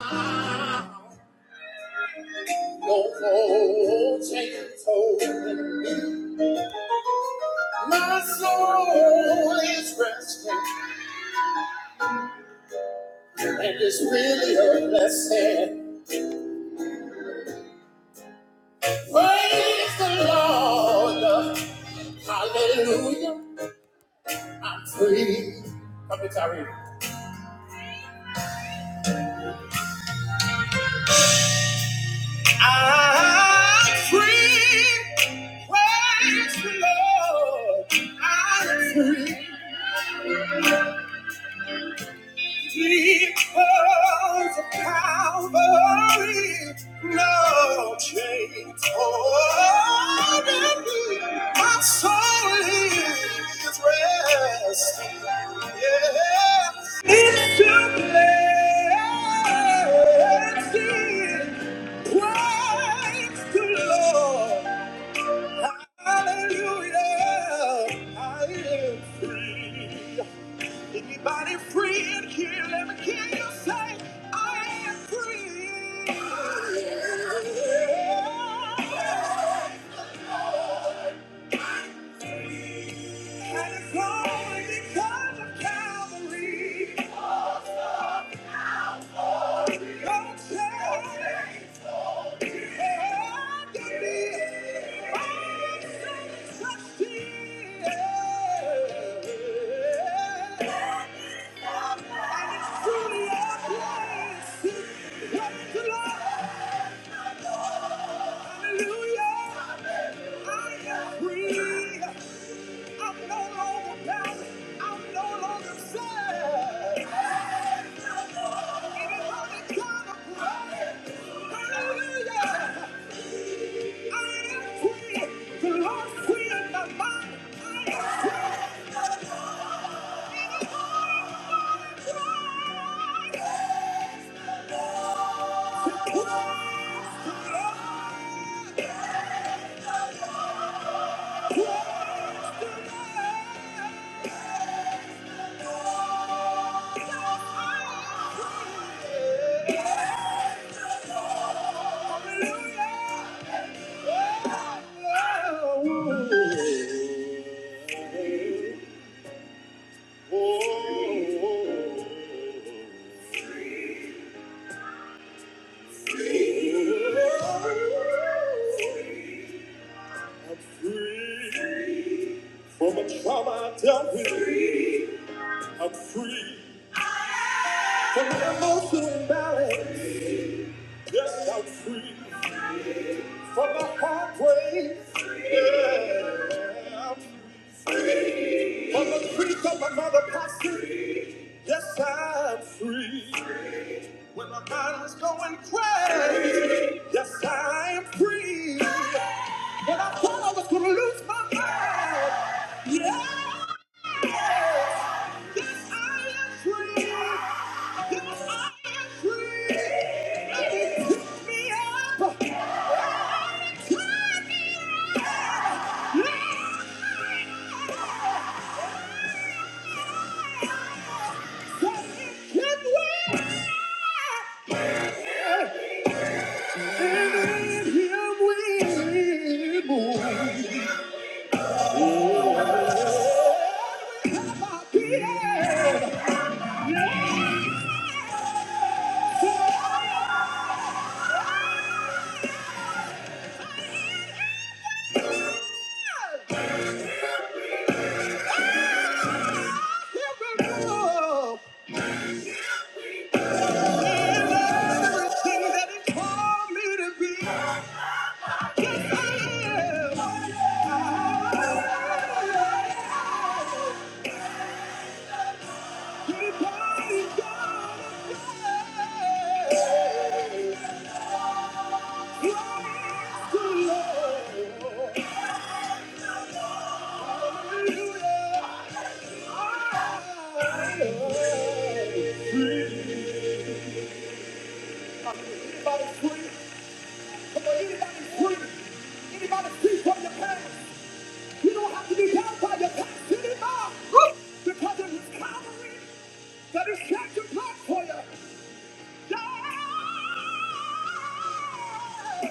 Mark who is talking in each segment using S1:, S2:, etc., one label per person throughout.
S1: No cold chains holding. My soul is resting, and it's really a blessing. Praise the Lord, Hallelujah! I'm free. Come to Tyree. I'm free. Praise the Lord. I'm free. Because of Calvary, no chains holding me. My soul is resting, yes. It's your blessing. Praise the Lord. Hallelujah. I am free. Anybody free in here? Let me hear you say, I am free. And it's only because of Calvary. Don't say, I did it. I'm so trusty. And it's truly our place. Praise the Lord. Yeah. I'm free. From a trauma I dealt with, I'm free from the emotional imbalance. Yes, I'm free from the heartbreak. Yeah. I'm From the creek of another posse, yes, I'm free. When my mind was going crazy, yes, I am free. When I thought I was gonna lose my mind, yes, yes, I am free. Yes, I am free. And he picked me up. Yes, I am. Yeah. Everything that He called me to be, yes, I am. Everybody's got a praise. Come on, anybody free? Anybody free from your past? You don't have to be bound by your past anymore. Because it was Calvary that has shed your blood for you. Yeah.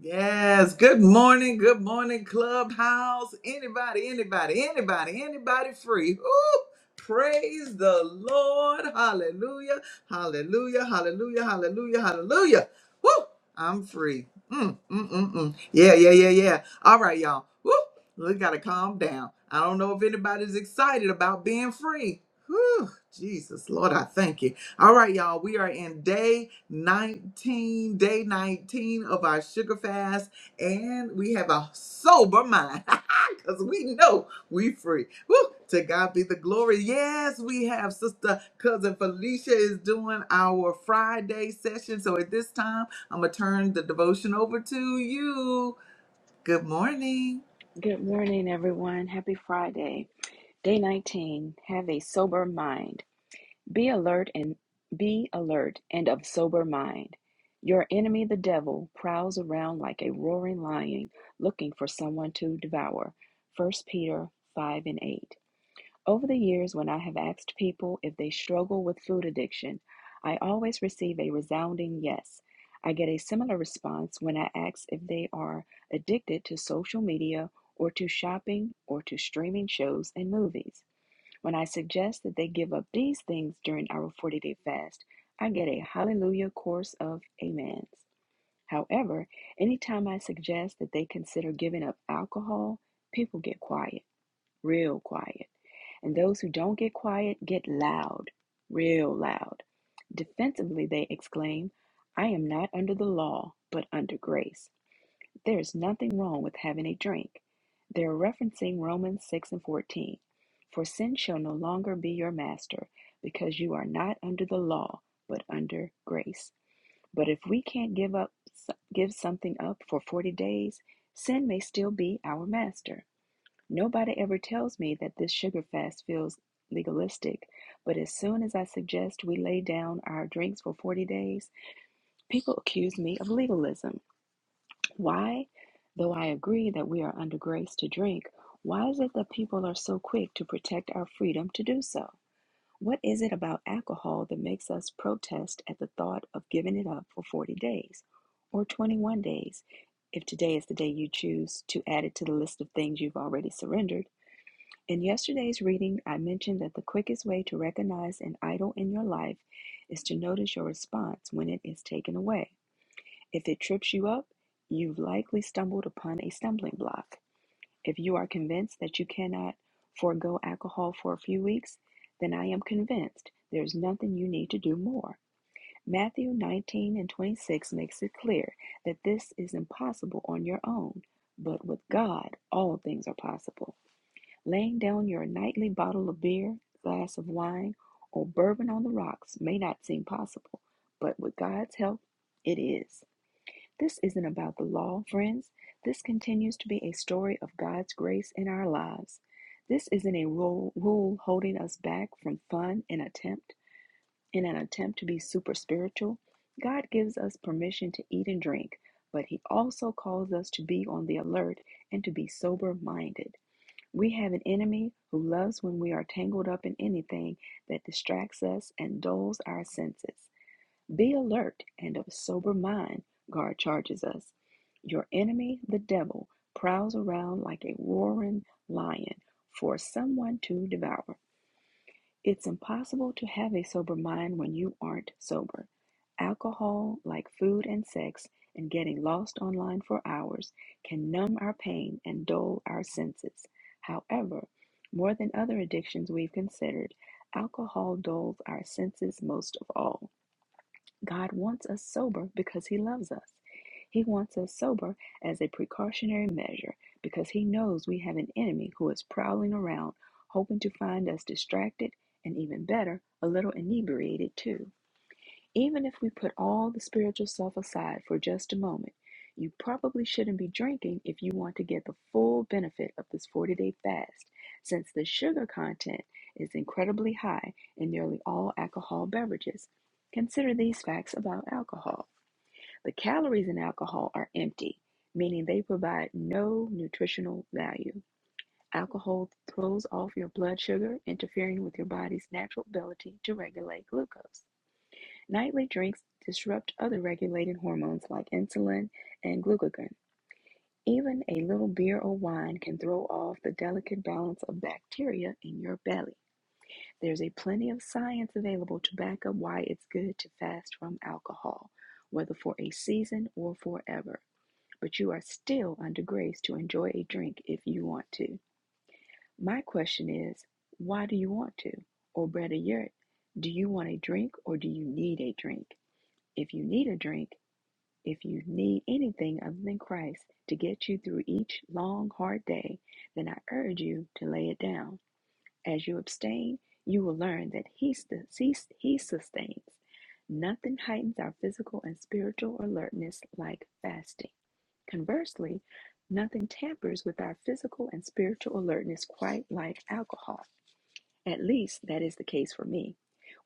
S1: Yes. Good morning. Good morning, Clubhouse. Anybody, anybody, anybody, anybody free. Ooh, praise the Lord. Hallelujah. Hallelujah. Hallelujah. Hallelujah. Hallelujah. Woo! I'm free. Mm, mm, mm, mm. Yeah, yeah, yeah, yeah. All right, y'all. Woo! We gotta calm down. I don't know if anybody's excited about being free. Whew, Jesus, Lord, I thank you. All right, y'all. We are in day 19, day 19 of our sugar fast, and we have a sober mind because we know we free. Woo! To God be the glory. Yes, we have sister cousin Felicia is doing our Friday session. So at this time, I'm gonna turn the devotion over to you. Good morning.
S2: Good morning, everyone. Happy Friday, day 19. Have a sober mind. Be alert and be alert and of sober mind. Your enemy, the devil, prowls around like a roaring lion looking for someone to devour. First Peter 5 and 8. Over the years, when I have asked people if they struggle with food addiction, I always receive a resounding yes. I get a similar response when I ask if they are addicted to social media or to shopping or to streaming shows and movies. When I suggest that they give up these things during our 40 day fast, I get a hallelujah chorus of amens. However, anytime I suggest that they consider giving up alcohol, people get quiet, real quiet. And those who don't get quiet get loud, real loud. Defensively, they exclaim, I am not under the law, but under grace. There is nothing wrong with having a drink. They are referencing Romans 6 and 14. For sin shall no longer be your master, because you are not under the law, but under grace. But if we can't give up give something up for 40 days, sin may still be our master. Nobody ever tells me that this sugar fast feels legalistic, but as soon as I suggest we lay down our drinks for 40 days, people accuse me of legalism. Why? Though I agree that we are under grace to drink, why is it that people are so quick to protect our freedom to do so? What is it about alcohol that makes us protest at the thought of giving it up for 40 days or 21 days? If today is the day you choose to add it to the list of things you've already surrendered, in yesterday's reading, I mentioned that the quickest way to recognize an idol in your life is to notice your response when it is taken away. If it trips you up, you've likely stumbled upon a stumbling block. If you are convinced that you cannot forego alcohol for a few weeks, then I am convinced there's nothing you need to do more. Matthew 19 and 26 makes it clear that this is impossible on your own, but with God, all things are possible. Laying down your nightly bottle of beer, glass of wine, or bourbon on the rocks may not seem possible, but with God's help, it is. This isn't about the law, friends. This continues to be a story of God's grace in our lives. This isn't a rule, rule holding us back from fun and attempt in an attempt to be super spiritual. God gives us permission to eat and drink, but he also calls us to be on the alert and to be sober minded. We have an enemy who loves when we are tangled up in anything that distracts us and dulls our senses. Be alert and of sober mind, God charges us. Your enemy, the devil, prowls around like a roaring lion for someone to devour. It's impossible to have a sober mind when you aren't sober. Alcohol, like food and sex, and getting lost online for hours, can numb our pain and dull our senses. However, more than other addictions we've considered, alcohol dulls our senses most of all. God wants us sober because He loves us. He wants us sober as a precautionary measure because He knows we have an enemy who is prowling around, hoping to find us distracted and even better, a little inebriated too. Even if we put all the spiritual stuff aside for just a moment, you probably shouldn't be drinking if you want to get the full benefit of this 40 day fast, since the sugar content is incredibly high in nearly all alcohol beverages. Consider these facts about alcohol the calories in alcohol are empty, meaning they provide no nutritional value. Alcohol throws off your blood sugar, interfering with your body's natural ability to regulate glucose. Nightly drinks disrupt other regulated hormones like insulin and glucagon. Even a little beer or wine can throw off the delicate balance of bacteria in your belly. There's a plenty of science available to back up why it's good to fast from alcohol, whether for a season or forever. But you are still under grace to enjoy a drink if you want to. My question is, why do you want to? Or better yet, do you want a drink or do you need a drink? If you need a drink, If you need anything other than Christ to get you through each long, hard day, then I urge you to lay it down. As you abstain, you will learn that He, he, he sustains. Nothing heightens our physical and spiritual alertness like fasting. Conversely, nothing tampers with our physical and spiritual alertness quite like alcohol. At least that is the case for me.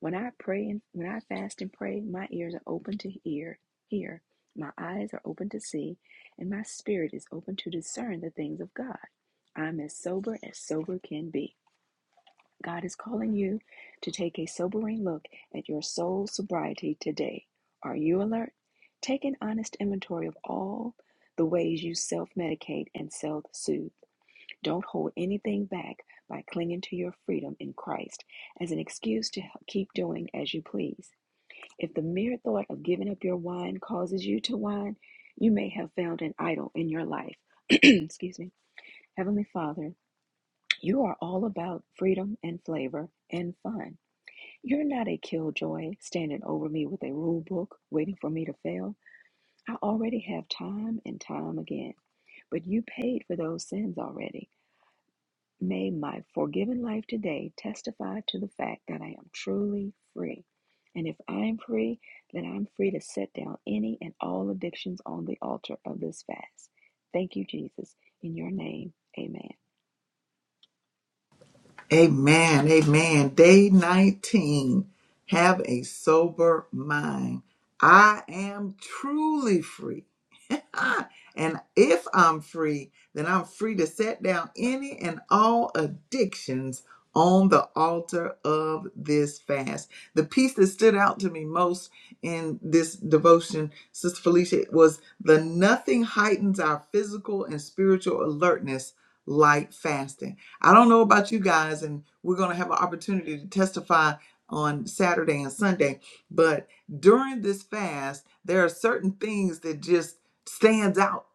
S2: When I pray and when I fast and pray, my ears are open to hear, hear, my eyes are open to see, and my spirit is open to discern the things of God. I'm as sober as sober can be. God is calling you to take a sobering look at your soul sobriety today. Are you alert? Take an honest inventory of all the ways you self medicate and self soothe. Don't hold anything back by clinging to your freedom in Christ as an excuse to keep doing as you please. If the mere thought of giving up your wine causes you to whine, you may have found an idol in your life. excuse me. Heavenly Father, you are all about freedom and flavor and fun. You're not a killjoy standing over me with a rule book waiting for me to fail. I already have time and time again, but you paid for those sins already. May my forgiven life today testify to the fact that I am truly free. And if I am free, then I'm free to set down any and all addictions on the altar of this fast. Thank you, Jesus. In your name, amen.
S1: Amen. Amen. Day 19. Have a sober mind. I am truly free. ah, and if I'm free, then I'm free to set down any and all addictions on the altar of this fast. The piece that stood out to me most in this devotion, Sister Felicia, was the nothing heightens our physical and spiritual alertness like fasting. I don't know about you guys, and we're going to have an opportunity to testify on Saturday and Sunday, but during this fast, there are certain things that just stands out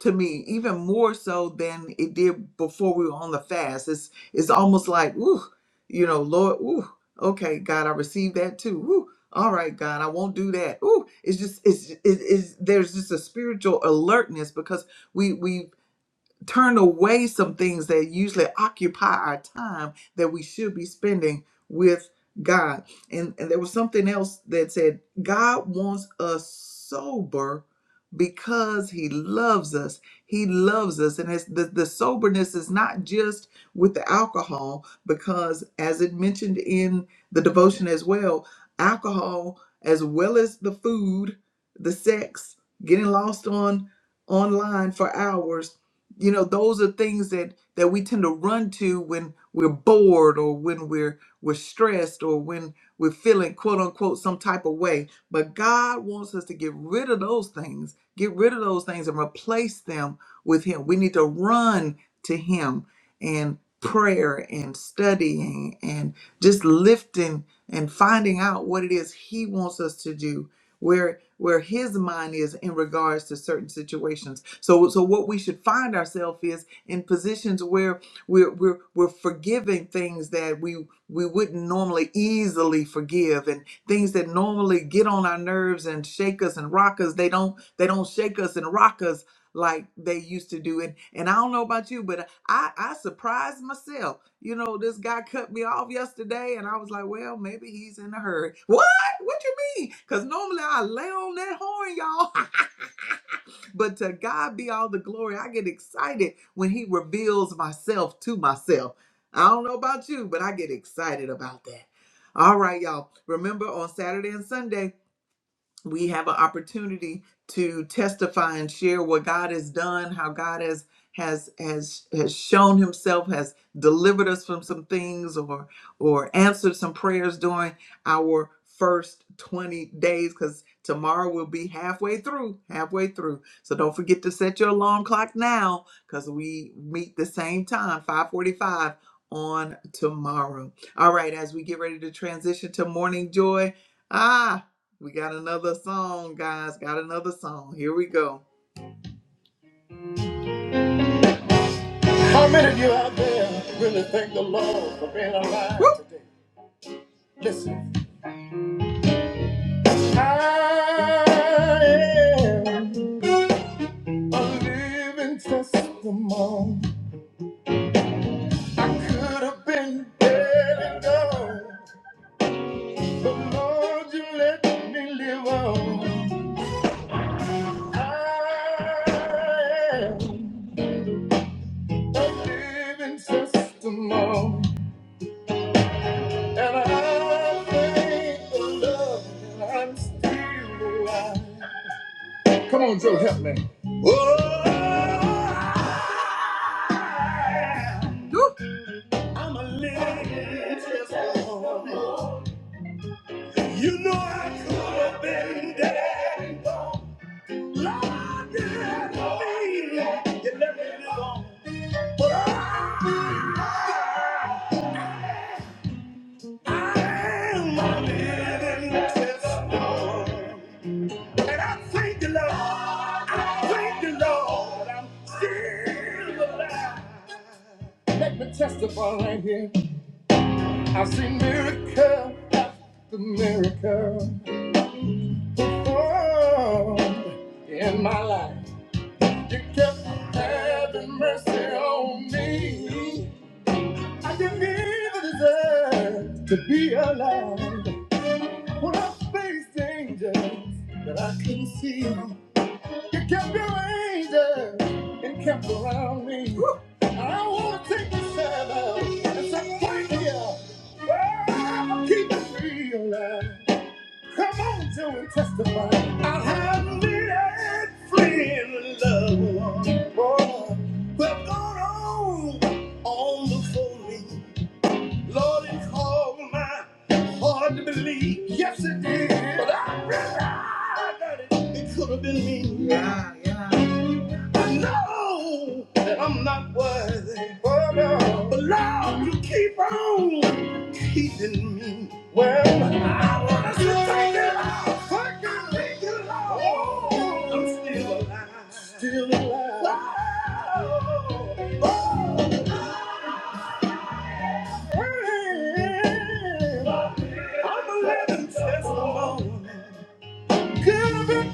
S1: to me even more so than it did before we were on the fast. It's it's almost like, ooh, you know, Lord, ooh, okay, God, I received that too. Ooh, all right, God, I won't do that. Ooh, it's just it's it is there's just a spiritual alertness because we we turn away some things that usually occupy our time that we should be spending with God. And, and there was something else that said, God wants us sober because he loves us. He loves us. And it's the, the soberness is not just with the alcohol, because as it mentioned in the devotion as well, alcohol as well as the food, the sex, getting lost on online for hours you know those are things that that we tend to run to when we're bored or when we're we're stressed or when we're feeling quote unquote some type of way but god wants us to get rid of those things get rid of those things and replace them with him we need to run to him and prayer and studying and just lifting and finding out what it is he wants us to do where where his mind is in regards to certain situations. So so what we should find ourselves is in positions where we're we're we're forgiving things that we we wouldn't normally easily forgive and things that normally get on our nerves and shake us and rock us. They don't they don't shake us and rock us like they used to do. And and I don't know about you, but I I surprised myself you know, this guy cut me off yesterday, and I was like, well, maybe he's in a hurry. What? What you mean? Because normally I lay on that horn, y'all. but to God be all the glory. I get excited when he reveals myself to myself. I don't know about you, but I get excited about that. All right, y'all. Remember on Saturday and Sunday, we have an opportunity to testify and share what God has done, how God has has has has shown himself has delivered us from some things or or answered some prayers during our first 20 days cuz tomorrow we'll be halfway through halfway through so don't forget to set your alarm clock now cuz we meet the same time 5:45 on tomorrow all right as we get ready to transition to morning joy ah we got another song, guys. Got another song. Here we go. How many of you out there really thank the Lord for being Woo! alive Woo! today? Listen, I am a living testimony. Could have been dead and gone, but Lord, you let me live on. I am a living testimony. And I thank the Lord that I'm still alive. Come on, Joe, help me. Oh, I'm a living testimony. You know I could have been dead. Lord, you left me. You left me alone. But I am a living testimony. And I thank the Lord. I thank the Lord. I'm still alive. Let me testify right here. I've seen miracle, the miracle. Oh, in my life. You kept having mercy on me. I didn't even deserve to be alive. When I faced dangers that I couldn't see. You kept your angel and kept around me. Woo! I want to take this time out and say thank you. Oh, I'm keeping me alive. Come on, Joe, and testify. I have needed friend love. Oh, but gone on, on before me. Lord, it called my heart to believe. Yes, it did. But I realized that it, it could have been me. Yeah, yeah. No, I'm not worthy. Oh, no. But Lord, you keep on keeping me. What does it take it all? I can make it all. Oh, I'm still alive. Still alive. Oh, oh, hey. I'm a living testimony. Thank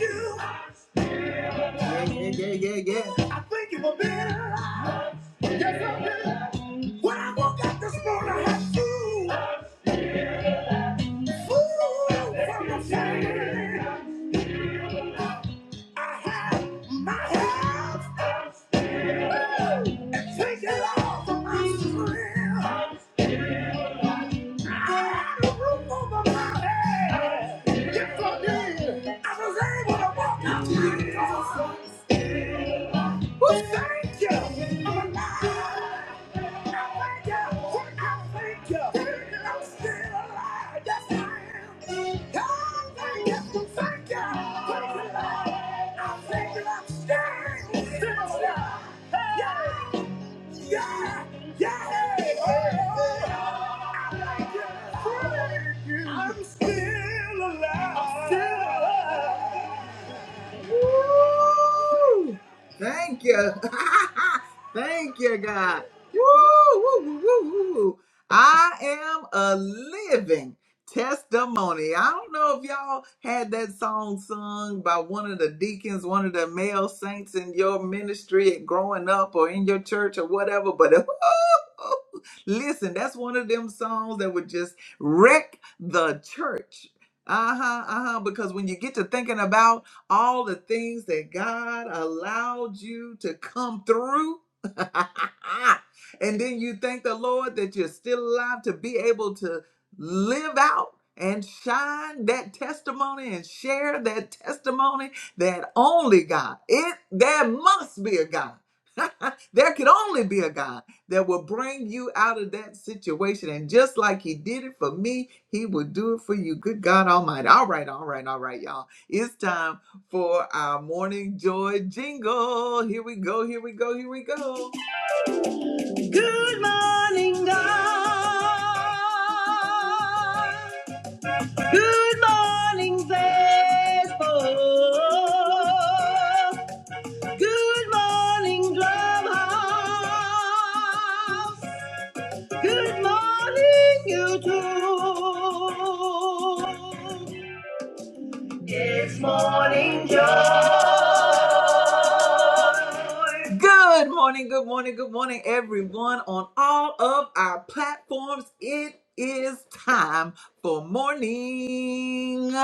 S1: you. Yeah, yeah, yeah, yeah, yeah. I think it was better when I woke up this morning. I had food, food from the family. I had my house, and take it all from my friends. I had a roof over my head. Yes, I did. I was able to walk out. Well, thank you. I'm alive. I thank you. I thank you. I'm still alive. Yes, I am. I thank you. Thank you. Thank you, Lord. I thank you. I'm still, still alive. Yeah. Yeah. Yeah. Oh, I thank you. Thank you. I'm still alive. I'm still alive. Woo! Thank you. Thank you, God. Woo, woo, woo, woo, woo. I am a living testimony. I don't know if y'all had that song sung by one of the deacons, one of the male saints in your ministry growing up or in your church or whatever, but listen, that's one of them songs that would just wreck the church. Uh huh, uh huh. Because when you get to thinking about all the things that God allowed you to come through. and then you thank the Lord that you're still alive to be able to live out and shine that testimony and share that testimony that only God, it there must be a God. there could only be a God that will bring you out of that situation. And just like He did it for me, He will do it for you. Good God Almighty. All right, all right, all right, y'all. It's time for our morning joy jingle. Here we go, here we go, here we go. Good morning, God. Good morning, faithful. Good morning, Drumhouse. Good morning, YouTube. Good morning, good morning, good morning, everyone on all of our platforms. It is time for Morning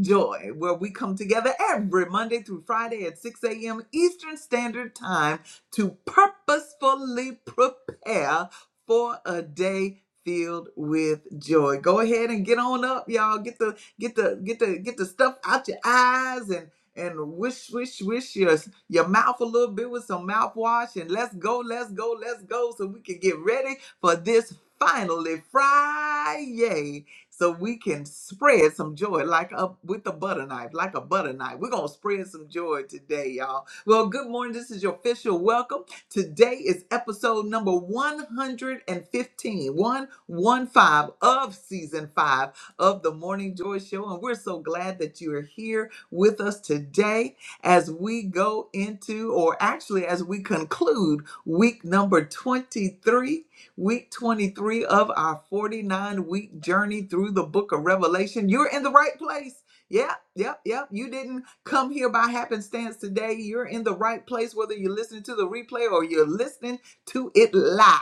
S1: Joy, where we come together every Monday through Friday at 6 a.m. Eastern Standard Time to purposefully prepare for a day filled with joy. Go ahead and get on up, y'all. Get the get the get the get the stuff out your eyes and and wish, wish, wish your, your mouth a little bit with some mouthwash and let's go, let's go, let's go so we can get ready for this finally Friday so we can spread some joy like a, with a butter knife, like a butter knife. We're going to spread some joy today, y'all. Well, good morning. This is your official welcome. Today is episode number 115, 115 of season five of the Morning Joy Show. And we're so glad that you are here with us today as we go into, or actually as we conclude, week number 23, week 23 of our 49 week journey through the book of Revelation. You're in the right place. Yeah, yep, yep. You didn't come here by happenstance today. You're in the right place, whether you're listening to the replay or you're listening to it live,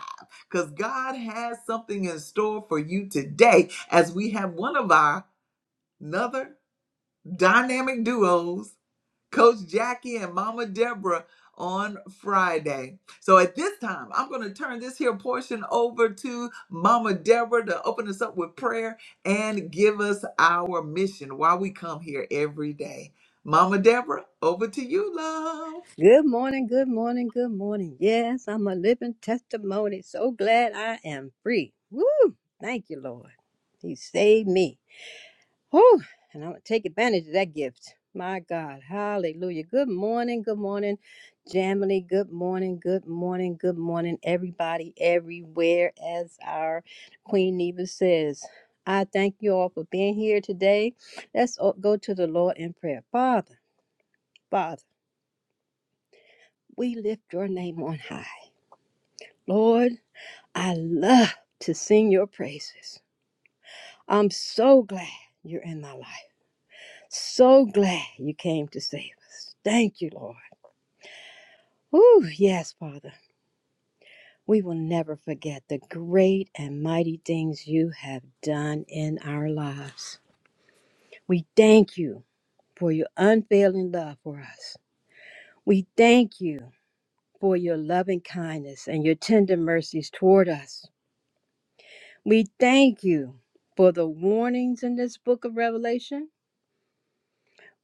S1: because God has something in store for you today as we have one of our another dynamic duos Coach Jackie and Mama Deborah on Friday. So at this time, I'm going to turn this here portion over to Mama Deborah to open us up with prayer and give us our mission why we come here every day. Mama Deborah, over to you, love.
S3: Good morning, good morning, good morning. Yes, I'm a living testimony. So glad I am free. Woo! Thank you, Lord. He saved me. Whew! And I'm going to take advantage of that gift. My God. Hallelujah. Good morning, good morning, Jamily. Good morning, good morning, good morning, everybody, everywhere. As our Queen Neva says, I thank you all for being here today. Let's all go to the Lord in prayer. Father, Father, we lift your name on high. Lord, I love to sing your praises. I'm so glad you're in my life. So glad you came to save us. Thank you, Lord. Ooh, yes, Father. We will never forget the great and mighty things you have done in our lives. We thank you for your unfailing love for us. We thank you for your loving kindness and your tender mercies toward us. We thank you for the warnings in this book of Revelation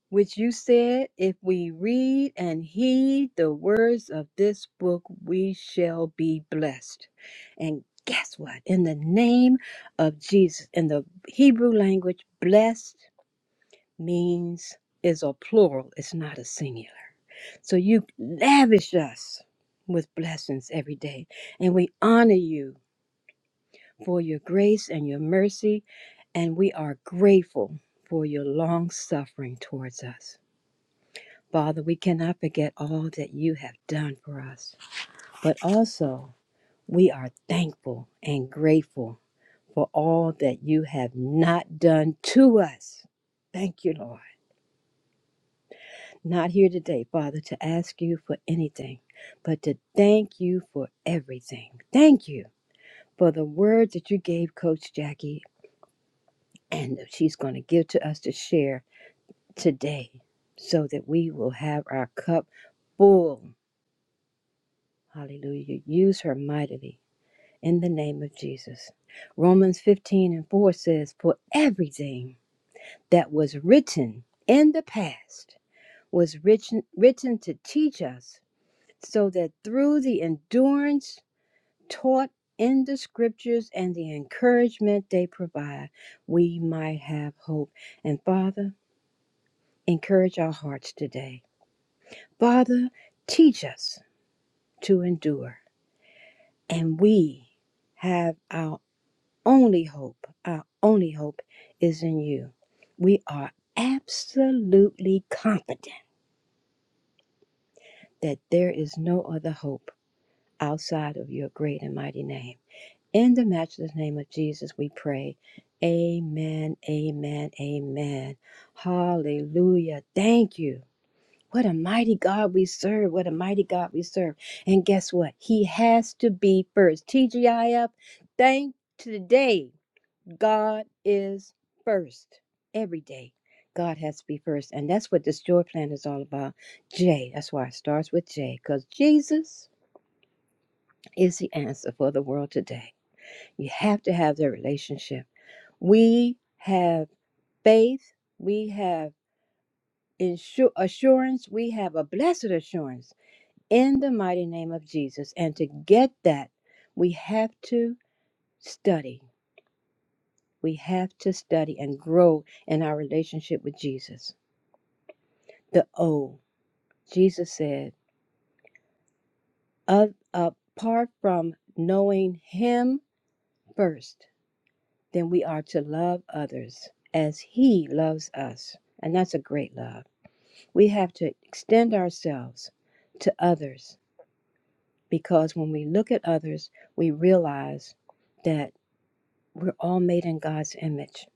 S3: which you said, If we read and heed the words of this book, we shall be blessed. And guess what? In the name of Jesus, in the Hebrew language, blessed means is a plural, it's not a singular. So you lavish us with blessings every day. And we honor you for your grace and your mercy. And we are grateful for your long suffering towards us. Father, we cannot forget all that you have done for us, but also we are thankful and grateful for all that you have not done to us. Thank you, Lord. Not here today, Father, to ask you for anything, but to thank you for everything. Thank you for the words that you gave Coach Jackie and that she's going to give to us to share today so that we will have our cup full. Hallelujah. Use her mightily in the name of Jesus. Romans 15 and 4 says, For everything that was written in the past was written, written to teach us, so that through the endurance taught in the scriptures and the encouragement they provide, we might have hope. And Father, encourage our hearts today. Father, teach us to endure, and we have our only hope, our only hope is in you. We are absolutely confident that there is no other hope outside of your great and mighty name. In the matchless name of Jesus, we pray. Amen, amen, amen. Hallelujah. Thank you. What a mighty God we serve. What a mighty God we serve. And guess what? He has to be first. TGIF, thank today. God is first every day. God has to be first. And that's what this joy plan is all about. J. That's why it starts with J, because Jesus is the answer for the world today. You have to have that relationship. We have faith, we have insur- assurance, we have a blessed assurance in the mighty name of Jesus. And to get that, we have to study. We have to study and grow in our relationship with Jesus. the O. Jesus said, "Of apart from knowing Him first, then we are to love others as He loves us. And that's a great love. We have to extend ourselves to others because when we look at others, we realize that we're all made in God's image.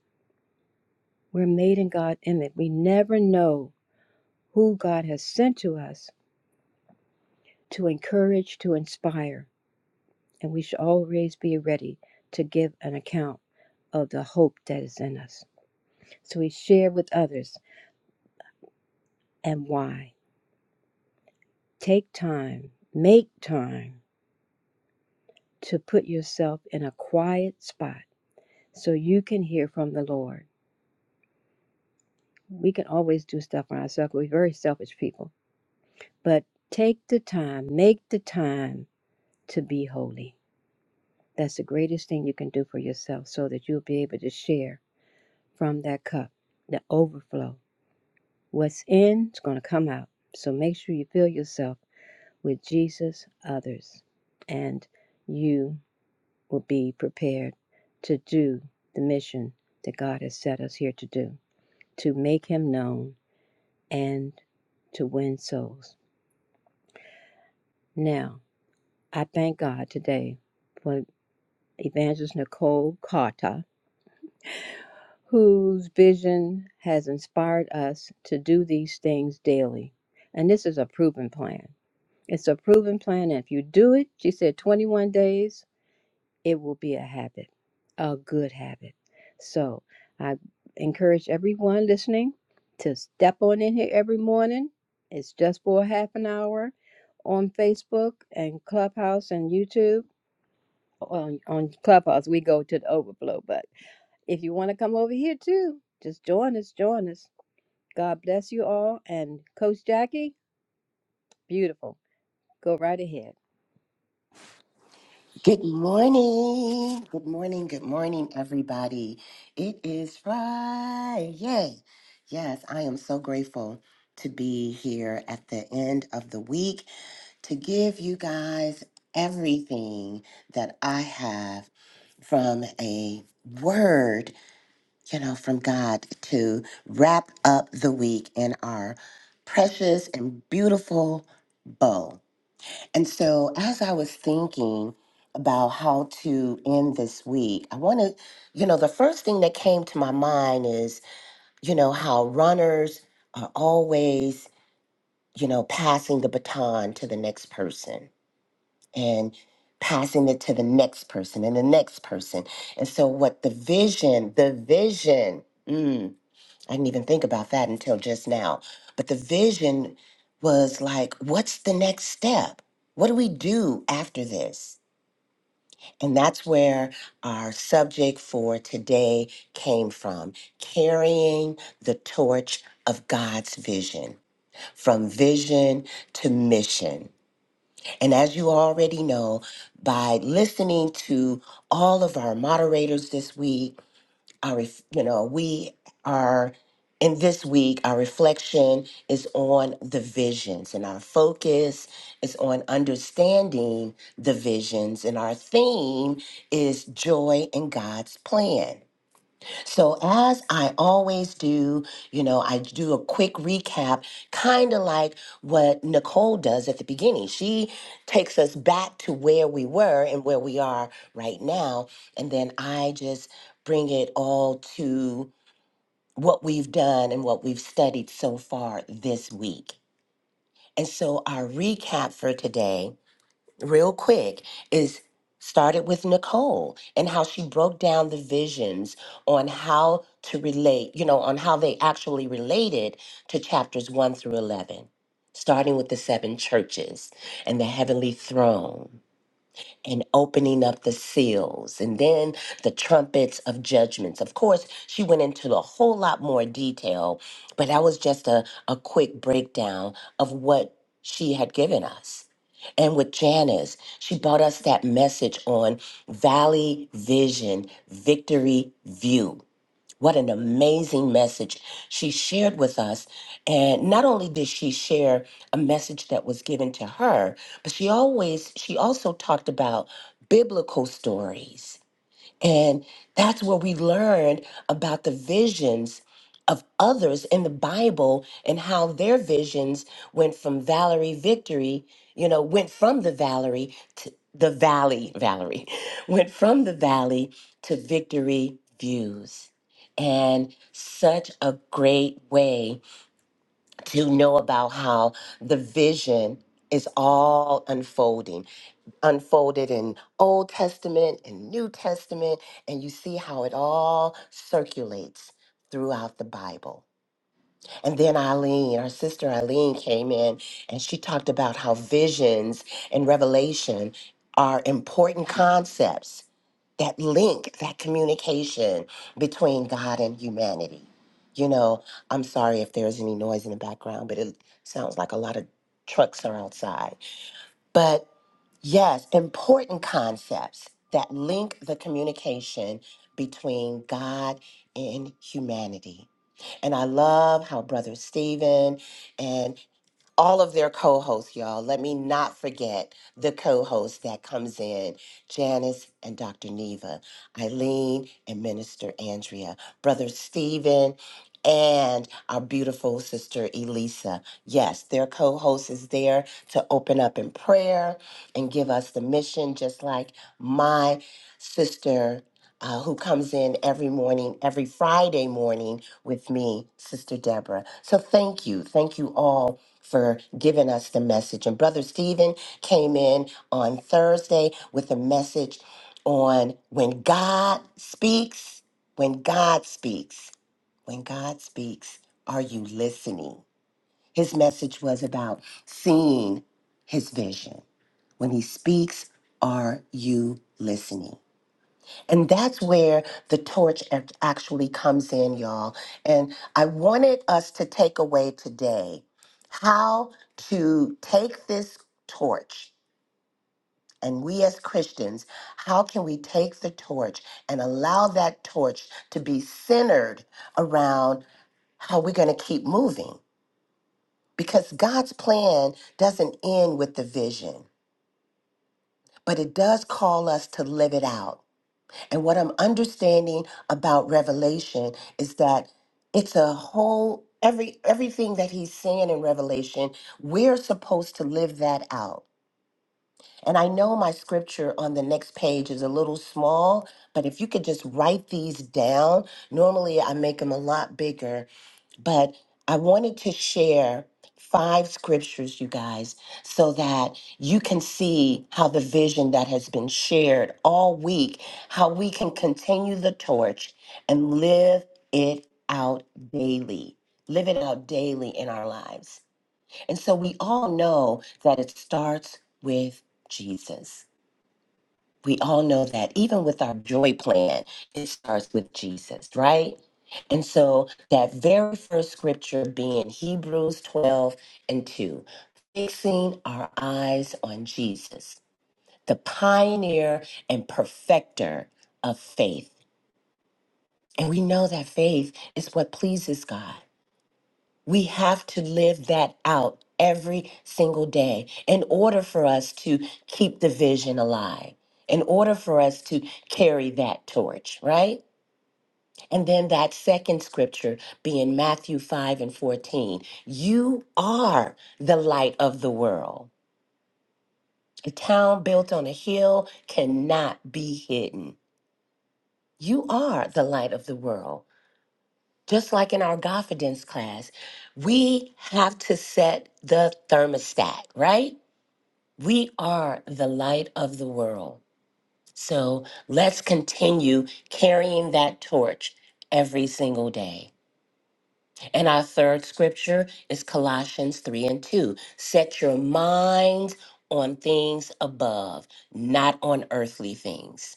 S3: We're made in God's image. We never know who God has sent to us to encourage, to inspire. and we should always be ready to give an account of the hope that is in us. So we share with others and why. Take time, make time to put yourself in a quiet spot so you can hear from the Lord. We can always do stuff on ourselves. We're very selfish people. But take the time, make the time to be holy. That's the greatest thing you can do for yourself so that you'll be able to share from that cup, the overflow What's in is going to come out. So make sure you fill yourself with Jesus, others, and you will be prepared to do the mission that God has set us here to do to make Him known and to win souls. Now, I thank God today for Evangelist Nicole Carter, whose vision has inspired us to do these things daily. And this is a proven plan. It's a proven plan. And if you do it, she said 21 days, it will be a habit, a good habit. So I encourage everyone listening to step on in here every morning. It's just for a half an hour on Facebook and Clubhouse and YouTube. On, on Clubhouse, we go to the overflow. But if you want to come over here too, just join us, join us. God bless you all. And Coach Jackie, beautiful. Go right ahead.
S4: Good morning. Good morning. Good morning, everybody. It is Friday. Yes, I am so grateful to be here at the end of the week to give you guys everything that I have from a word, you know, from God to wrap up the week in our precious and beautiful bow. And so, as I was thinking about how to end this week, I want to, you know, the first thing that came to my mind is, you know, how runners are always, you know, passing the baton to the next person and passing it to the next person and the next person. And so, what the vision, the vision. mm, I didn't even think about that until just now. But the vision was like, what's the next step? What do we do after this? And that's where our subject for today came from carrying the torch of God's vision, from vision to mission. And as you already know, by listening to all of our moderators this week, our, ref- you know, we are in this week. Our reflection is on the visions, and our focus is on understanding the visions, and our theme is joy in God's plan. So, as I always do, you know, I do a quick recap, kind of like what Nicole does at the beginning. She takes us back to where we were and where we are right now. And then I just bring it all to what we've done and what we've studied so far this week. And so, our recap for today real quick is started with Nicole and how she broke down the visions on how to relate, you know, on how they actually related to chapters 1 through 11, starting with the seven churches and the heavenly throne and opening up the seals and then the trumpets of judgments. Of course, she went into a whole lot more detail, but that was just a, a quick breakdown of what she had given us. And with Janice, she brought us that message on Valley Vision Victory View. What an amazing message she shared with us. And not only did she share a message that was given to her, but she always, she also talked about biblical stories and that's where we learned about the visions of others in the Bible and how their visions went from Valerie victory, you know, went from the Valerie to the valley, Valerie, went from the valley to victory views. And such a great way to know about how the vision is all unfolding unfolded in Old Testament and New Testament, and you see how it all circulates throughout the Bible. And then Eileen, our sister Eileen, came in and she talked about how visions and revelation are important concepts that link, that communication between God and humanity. You know, I'm sorry if there's any noise in the background, but it sounds like a lot of trucks are outside. But yes, important concepts that link the communication between God and humanity. And I love how Brother Stephen and all of their co-hosts, y'all. Let me not forget the co-host that comes in, Janice and Dr. Neva, Eileen and Minister Andrea, Brother Stephen, and our beautiful sister Elisa. Yes, their co-host is there to open up in prayer and give us the mission, just like my sister. Uh, who comes in every morning, every Friday morning with me, Sister Deborah. So thank you. Thank you all for giving us the message. And Brother Stephen came in on Thursday with a message on when God speaks, when God speaks, when God speaks, are you listening? His message was about seeing his vision. When he speaks, are you listening? And that's where the torch act- actually comes in, y'all. And I wanted us to take away today how to take this torch. And we as Christians, how can we take the torch and allow that torch to be centered around how we're going to keep moving? Because God's plan doesn't end with the vision, but it does call us to live it out. And what I'm understanding about Revelation is that it's a whole every everything that he's saying in Revelation, we're supposed to live that out. And I know my scripture on the next page is a little small, but if you could just write these down, normally I make them a lot bigger but I wanted to share five scriptures, you guys, so that you can see how the vision that has been shared all week, how we can continue the torch and live it out daily. Live it out daily in our lives. And so we all know that it starts with Jesus. We all know that even with our joy plan, it starts with Jesus, right? And so that very first scripture being Hebrews 12 and 2, fixing our eyes on Jesus, the pioneer and perfecter of faith. And we know that faith is what pleases God. We have to live that out every single day in order for us to keep the vision alive, in order for us to carry that torch, right? And then that second scripture being Matthew 5 and 14. You are the light of the world. A town built on a hill cannot be hidden. You are the light of the world. just like in our confidence class, we have to set the thermostat, right? We are the light of the world. So let's continue carrying that torch every single day. And our third scripture is Colossians 3 and 2. Set your minds on things above, not on earthly things.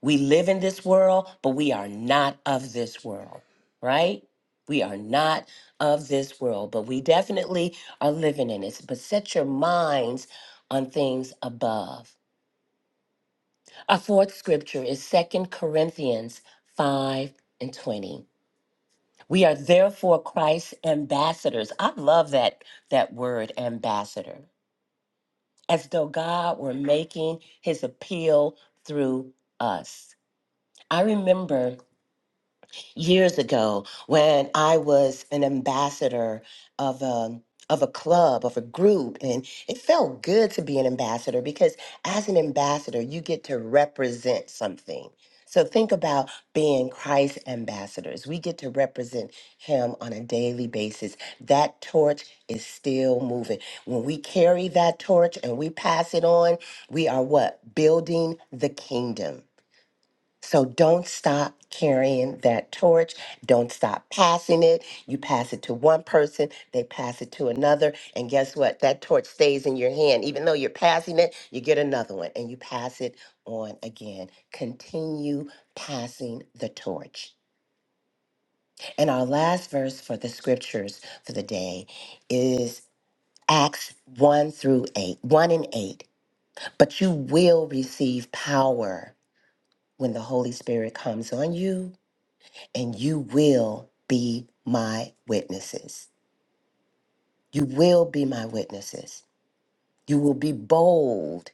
S4: We live in this world, but we are not of this world, right? We are not of this world, but we definitely are living in it. But set your minds on things above. Our fourth scripture is Second Corinthians 5 and 20. We are therefore Christ's ambassadors. I love that that word ambassador. As though God were making his appeal through us. I remember years ago when I was an ambassador of a of a club, of a group, and it felt good to be an ambassador because as an ambassador, you get to represent something. So think about being Christ ambassadors. We get to represent him on a daily basis. That torch is still moving. When we carry that torch and we pass it on, we are what? Building the kingdom. So don't stop carrying that torch. Don't stop passing it. You pass it to one person, they pass it to another. And guess what? That torch stays in your hand. Even though you're passing it, you get another one and you pass it on again. Continue passing the torch. And our last verse for the scriptures for the day is Acts 1 through 8, 1 and 8. But you will receive power when the Holy Spirit comes on you and you will be my witnesses. You will be my witnesses. You will be bold.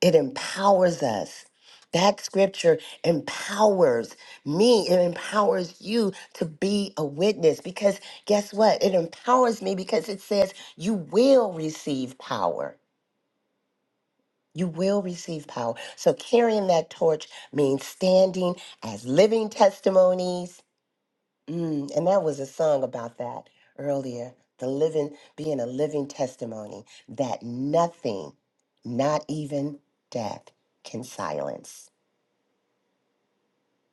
S4: It empowers us. That scripture empowers me. It empowers you to be a witness because guess what? It empowers me because it says you will receive power. You will receive power. So carrying that torch means standing as living testimonies Mm, and that was a song about that earlier. The living, being a living testimony that nothing, not even death, can silence.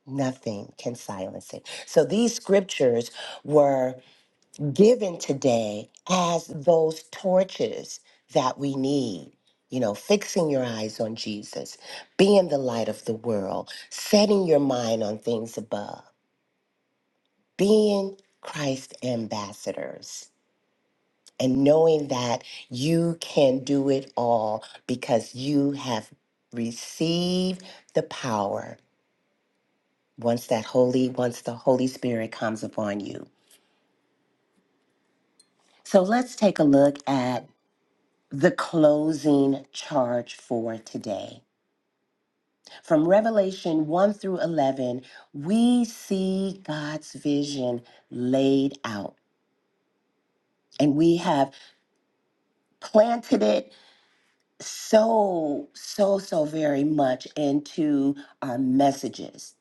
S4: Nothing can silence it. So these scriptures were given today as those torches that we need. You know, fixing your eyes on Jesus, being the light of the world, setting your mind on things above, being Christ ambassadors and knowing that you can do it all because you have received the power once that holy once the holy spirit comes upon you so let's take a look at the closing charge for today from revelation 1 through 11 we see god's vision laid out and we have planted it so, so, so very much into our messages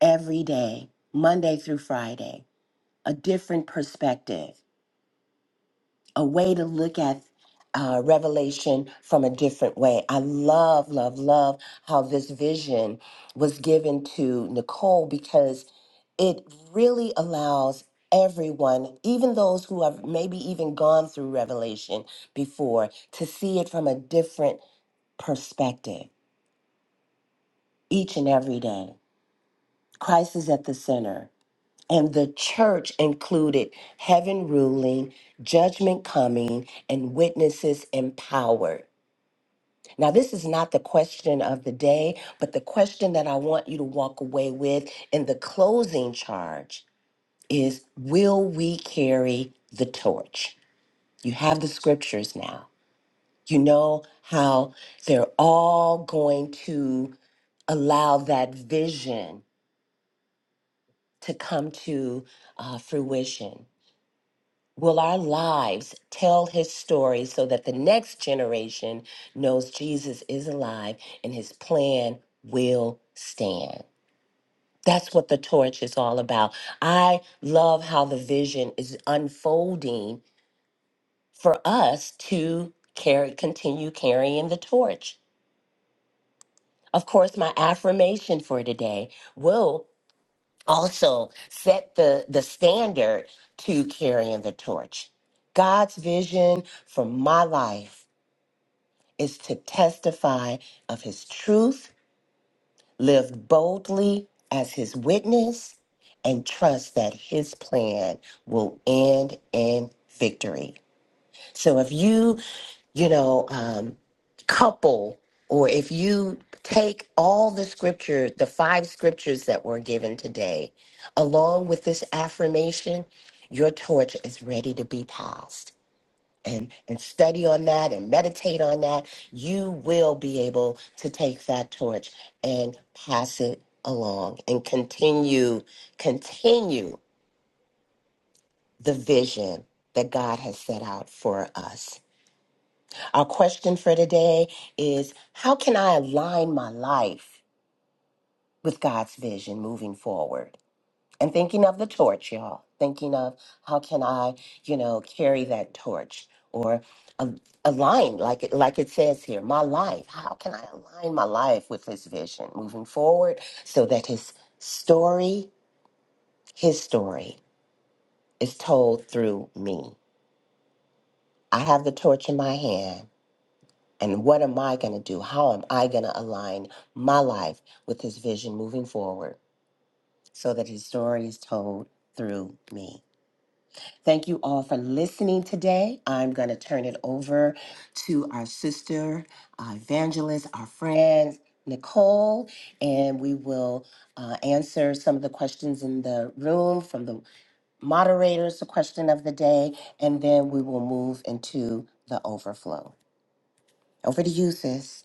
S4: every day, Monday through Friday, a different perspective, a way to look at uh, Revelation from a different way. I love, love, love how this vision was given to Nicole because it really allows everyone, even those who have maybe even gone through Revelation before, to see it from a different perspective each and every day. Christ is at the center. And the church included heaven ruling, judgment coming, and witnesses empowered. Now, this is not the question of the day, but the question that I want you to walk away with in the closing charge is Will we carry the torch? You have the scriptures now. You know how they're all going to allow that vision to come to uh, fruition? Will our lives tell his story so that the next generation knows Jesus is alive and his plan will stand? That's what the torch is all about. I love how the vision is unfolding for us to carry, continue carrying the torch. Of course, my affirmation for today will. also set the the standard to carrying the torch. God's vision for my life is to testify of his truth, live boldly as his witness, and trust that his plan will end in victory. So if you, you know, um, couple or if you take all the scripture, the five scriptures that were given today, along with this affirmation, your torch is ready to be passed. And, and study on that and meditate on that, you will be able to take that torch and pass it along and continue, continue the vision that God has set out for us. Our question for today is How can I align my life with God's vision moving forward? And thinking of the torch, y'all, thinking of how can I, you know, carry that torch or a- align, like it, like it says here, my life. How can I align my life with His vision moving forward so that His story, His story, is told through me? I have the torch in my hand. And what am I going to do? How am I going to align my life with his vision moving forward so that his story is told through me? Thank you all for listening today. I'm going to turn it over to our sister, uh, evangelist, our friend, Nicole, and we will uh, answer some of the questions in the room from the moderators, the question of the day, and then we will move into the overflow. Over to you, sis.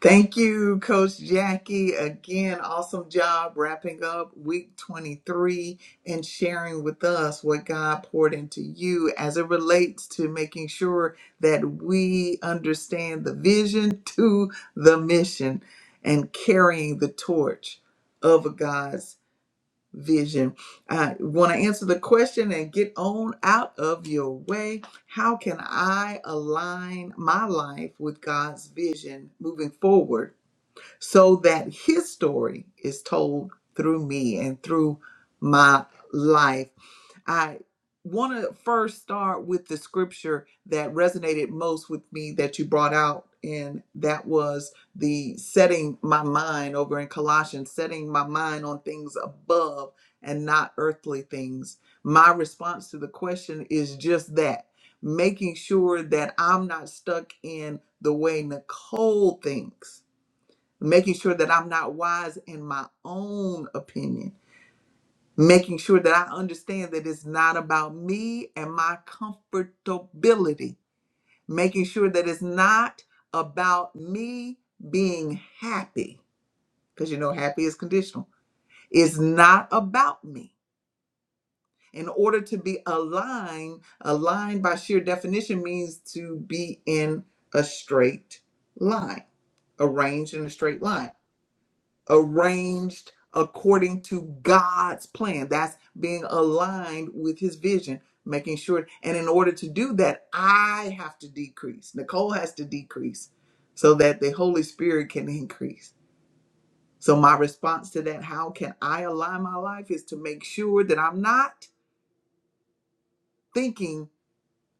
S1: Thank you, Coach Jackie. Again, awesome job wrapping up week 23 and sharing with us what God poured into you as it relates to making sure that we understand the vision to the mission and carrying the torch of God's vision. I want to answer the question and get on out of your way. How can I align my life with God's vision moving forward? so that his story is told through me and through my life. I want to first start with the scripture that resonated most with me that you brought out, and that was the setting my mind over in Colossians, setting my mind on things above and not earthly things. My response to the question is just that. Making sure that I'm not stuck in the way Nicole thinks making sure that I'm not wise in my own opinion, making sure that I understand that it's not about me and my comfortability, making sure that it's not about me being happy, because you know, happy is conditional. It's not about me. In order to be aligned, aligned by sheer definition means to be in a straight line, arranged in a straight line. arranged according to God's plan. That's being aligned with his vision, making sure. And in order to do that, I have to decrease. Nicole has to decrease so that the Holy Spirit can increase. So, my response to that, how can I align my life, is to make sure that I'm not thinking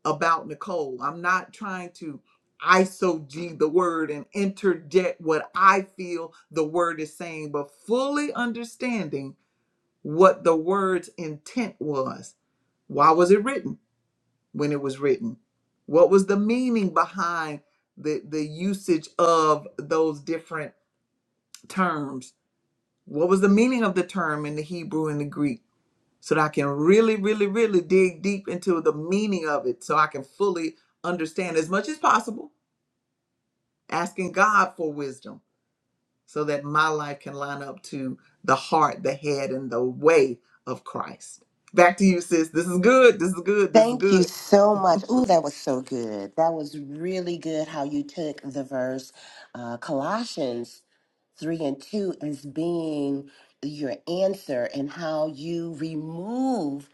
S1: about Nicole. I'm not trying to iso G the word and interject what I feel the word is saying, but fully understanding what the word's intent was. Why was it written when it was written? What was the meaning behind the, the usage of those different terms? What was the meaning of the term in the Hebrew and the Greek? So that I can really, really, really dig deep into the meaning of it so I can fully understand as much as possible, asking God for wisdom so that my life can line up to the heart, the head, and the way of Christ. Back to you, sis. This is good. This is good. This is
S4: Thank you
S1: good.
S4: so much. Ooh, that was so good. That was really good how you took the verse uh, Colossians 3 and 2 as being your answer and how you remove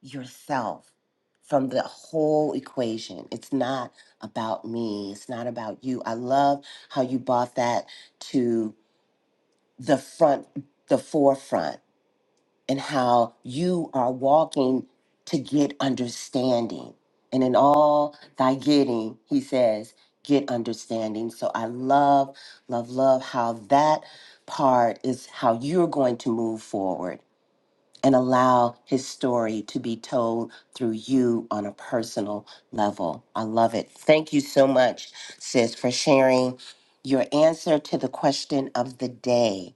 S4: yourself from the whole equation. It's not about me, it's not about you. I love how you brought that to the front, the forefront and how you are walking to get understanding. And in all thy getting, he says, get understanding. So I love, love, love how that part is how you're going to move forward and allow his story to be told through you on a personal level. I love it. Thank you so much, sis, for sharing your answer to the question of the day.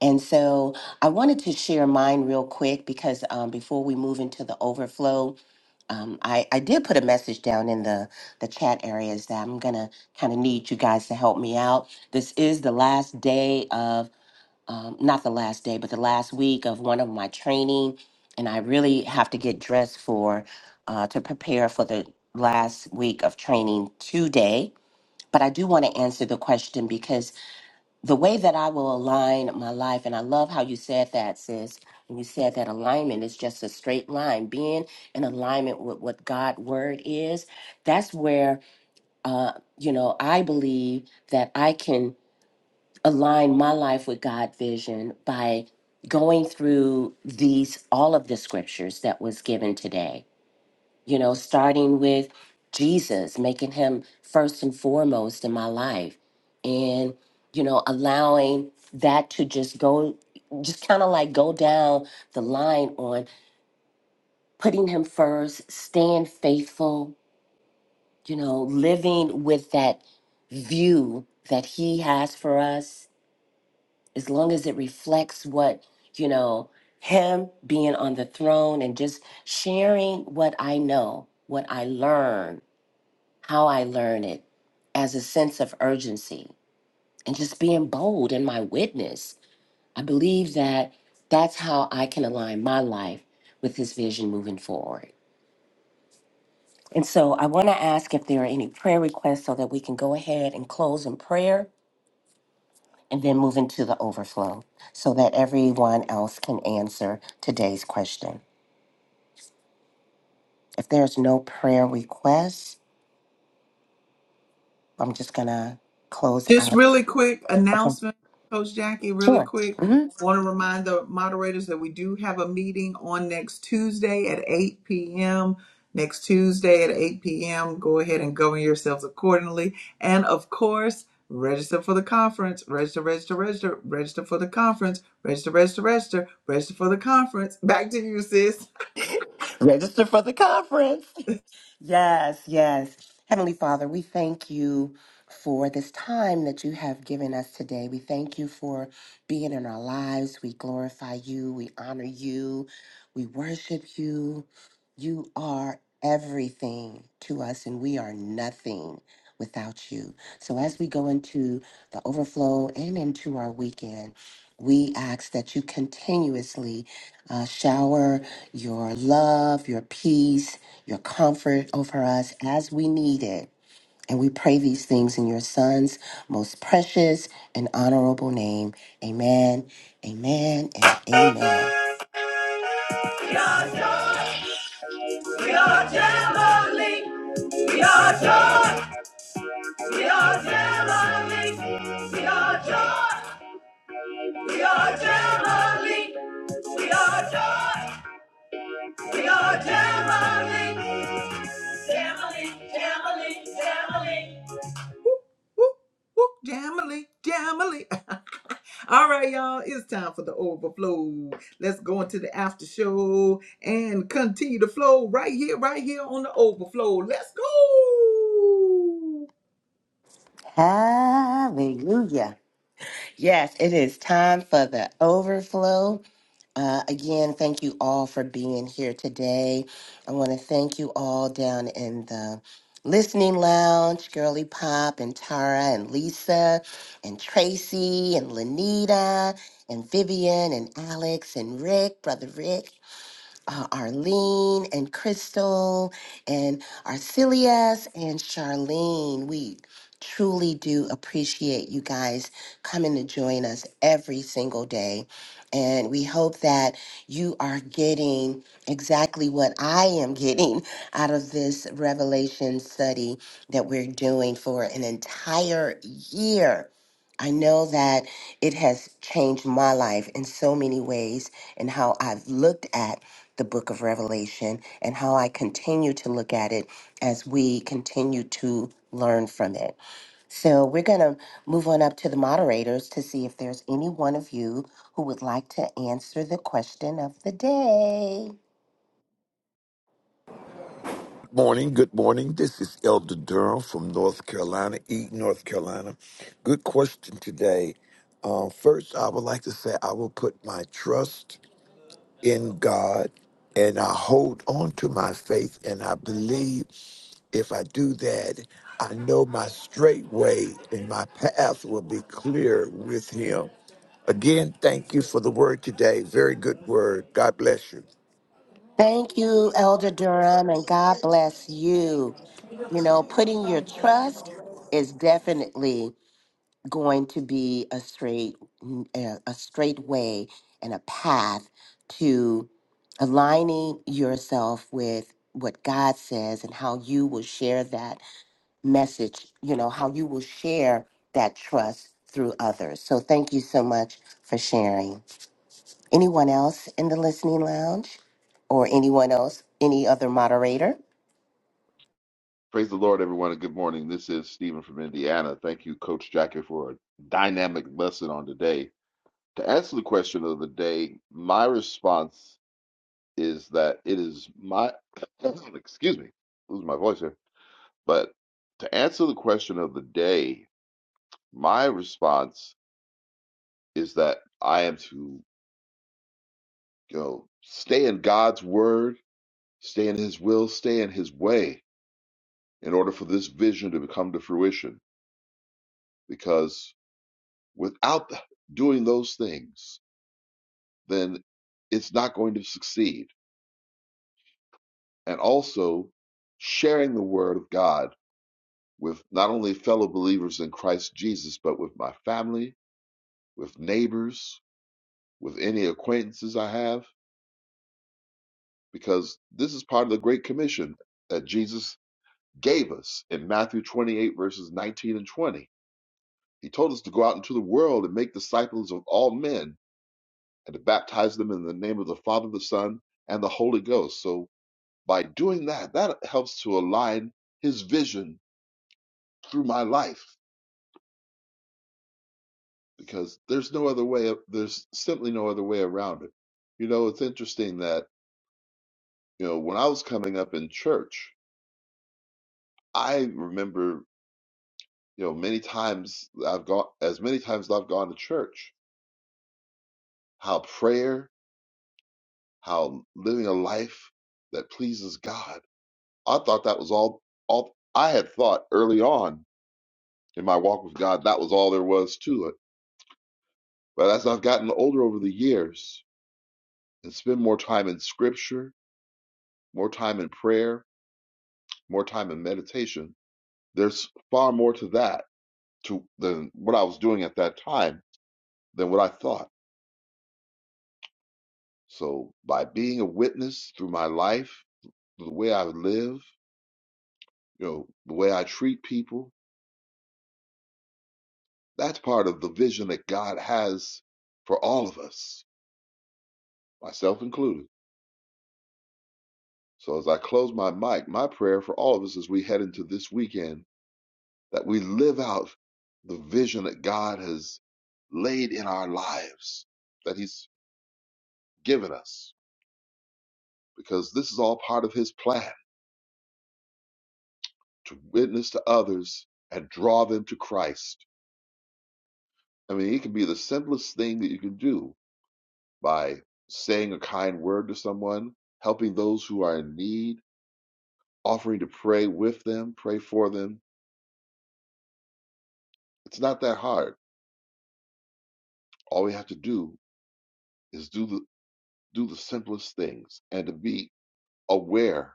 S4: And so I wanted to share mine real quick because um, before we move into the overflow, um, I, I did put a message down in the, the chat areas that I'm going to kind of need you guys to help me out. This is the last day of, um, not the last day, but the last week of one of my training. And I really have to get dressed for, uh, to prepare for the last week of training today. But I do want to answer the question because the way that I will align my life, and I love how you said that, sis. And you said that alignment is just a straight line, being in alignment with what God' word is. That's where, uh, you know, I believe that I can align my life with God's vision by going through these all of the scriptures that was given today you know, starting with Jesus, making him first and foremost in my life, and, you know, allowing that to just go, just kind of like go down the line on putting him first, staying faithful, you know, living with that view that he has for us, as long as it reflects what, you know, him being on the throne and just sharing what I know, what I learn how I learn it as a sense of urgency and just being bold in my witness. I believe that that's how I can align my life with his vision moving forward. And so I want to ask if there are any prayer requests so that we can go ahead and close in prayer and then move into the overflow so that everyone else can answer today's question. If there's no prayer requests, I'm just going to close
S1: Just
S4: out.
S1: really quick
S4: Okay.
S1: announcement, Coach Jackie, really
S4: Sure.
S1: quick.
S4: Mhm.
S1: Want to remind the moderators that we do have a meeting on next Tuesday at 8 p.m. Next Tuesday at 8 p.m. Go ahead and govern yourselves accordingly. And of course, register for the conference. Register, register, register. Register for the conference. Register, register, register. Register for the conference. Back to you, sis.
S4: Register for the conference. Yes, yes. Heavenly Father, we thank you for this time that you have given us today. We thank you for being in our lives. We glorify you. We honor you. We worship you. You are everything to us, and we are nothing without you. So, as we go into the overflow and into our weekend, we ask that you continuously uh, shower your love, your peace, your comfort over us as we need it. And we pray these things in your Son's most precious and honorable name. Amen, amen, and amen.
S1: We are joy. We are jamboree. We are joy. We are Jamali. We are joy. We are Jamali. We are joy. We are Jamali. Jamali, Jamali, Jamali. Whoop, whoop, Jamily, Jamily. All right, y'all, it's time for the overflow. Let's go into the after show and continue to flow right here, right here on the overflow. Let's go.
S4: Hallelujah. Yes, it is time for the overflow. Uh, again, thank you all for being here today. I want to thank you all down in the listening lounge, Girly Pop and Tara and Lisa and Tracy and Lanita and Vivian and Alex and Rick, Brother Rick uh, Arlene and Crystal and Arcelius and Charlene. We truly do appreciate you guys coming to join us every single day. And we hope that you are getting exactly what I am getting out of this revelation study that we're doing for an entire year. I know that it has changed my life in so many ways and how I've looked at the book of Revelation and how I continue to look at it as we continue to learn from it. So we're going to move on up to the moderators to see if there's any one of you who would like to answer the question of the day.
S5: Morning, good morning. This is Elder Durham from North Carolina, Eaton, North Carolina. Good question today. Uh, first, I would like to say I will put my trust in God and I hold on to my faith and I believe if I do that, I know my straight way and my path will be clear with Him. Again, thank you for the word today. Very good word. God bless you.
S4: Thank you, Elder Durham, and God bless you. You know, putting your trust is definitely going to be a straight a a straight way and a path to aligning yourself with what God says and how you will share that message, you know, how you will share that trust through others. So thank you so much for sharing. Anyone else in the listening lounge or anyone else, any other moderator?
S6: Praise the Lord, everyone, and good morning. This is Stephen from Indiana. Thank you, Coach Jackie, for a dynamic lesson on today. To answer the question of the day, my response is that it is my, excuse me, lose my voice here, but to answer the question of the day, my response is that I am to you know, stay in God's word, stay in His will, stay in His way in order for this vision to come to fruition because Without doing those things, then it's not going to succeed. And also, sharing the word of God with not only fellow believers in Christ Jesus, but with my family, with neighbors, with any acquaintances I have, because this is part of the Great Commission that Jesus gave us in Matthew 28, verses 19 and 20. He told us to go out into the world and make disciples of all men and to baptize them in the name of the Father, the Son, and the Holy Ghost. So by doing that, that helps to align his vision through my life because there's no other way, there's simply no other way around it. You know, it's interesting that, you know, when I was coming up in church, I remember, you know, many times I've gone, as many times as I've gone to church, how prayer, how living a life that pleases God. I thought that was all, all I had thought early on in my walk with God, that was all there was to it But as I've gotten older over the years and spend more time in scripture, more time in prayer, more time in meditation, there's far more to that to than what I was doing at that time than what I thought. So by being a witness through my life, the way I live, you know, the way I treat people, that's part of the vision that God has for all of us, myself included. So as I close my mic, my prayer for all of us as we head into this weekend that we live out the vision that God has laid in our lives, that He's given us, because this is all part of His plan to witness to others and draw them to Christ. I mean, it can be the simplest thing that you can do by saying a kind word to someone, helping those who are in need, offering to pray with them, pray for them. It's not that hard. All we have to do is do the do the simplest things and to be aware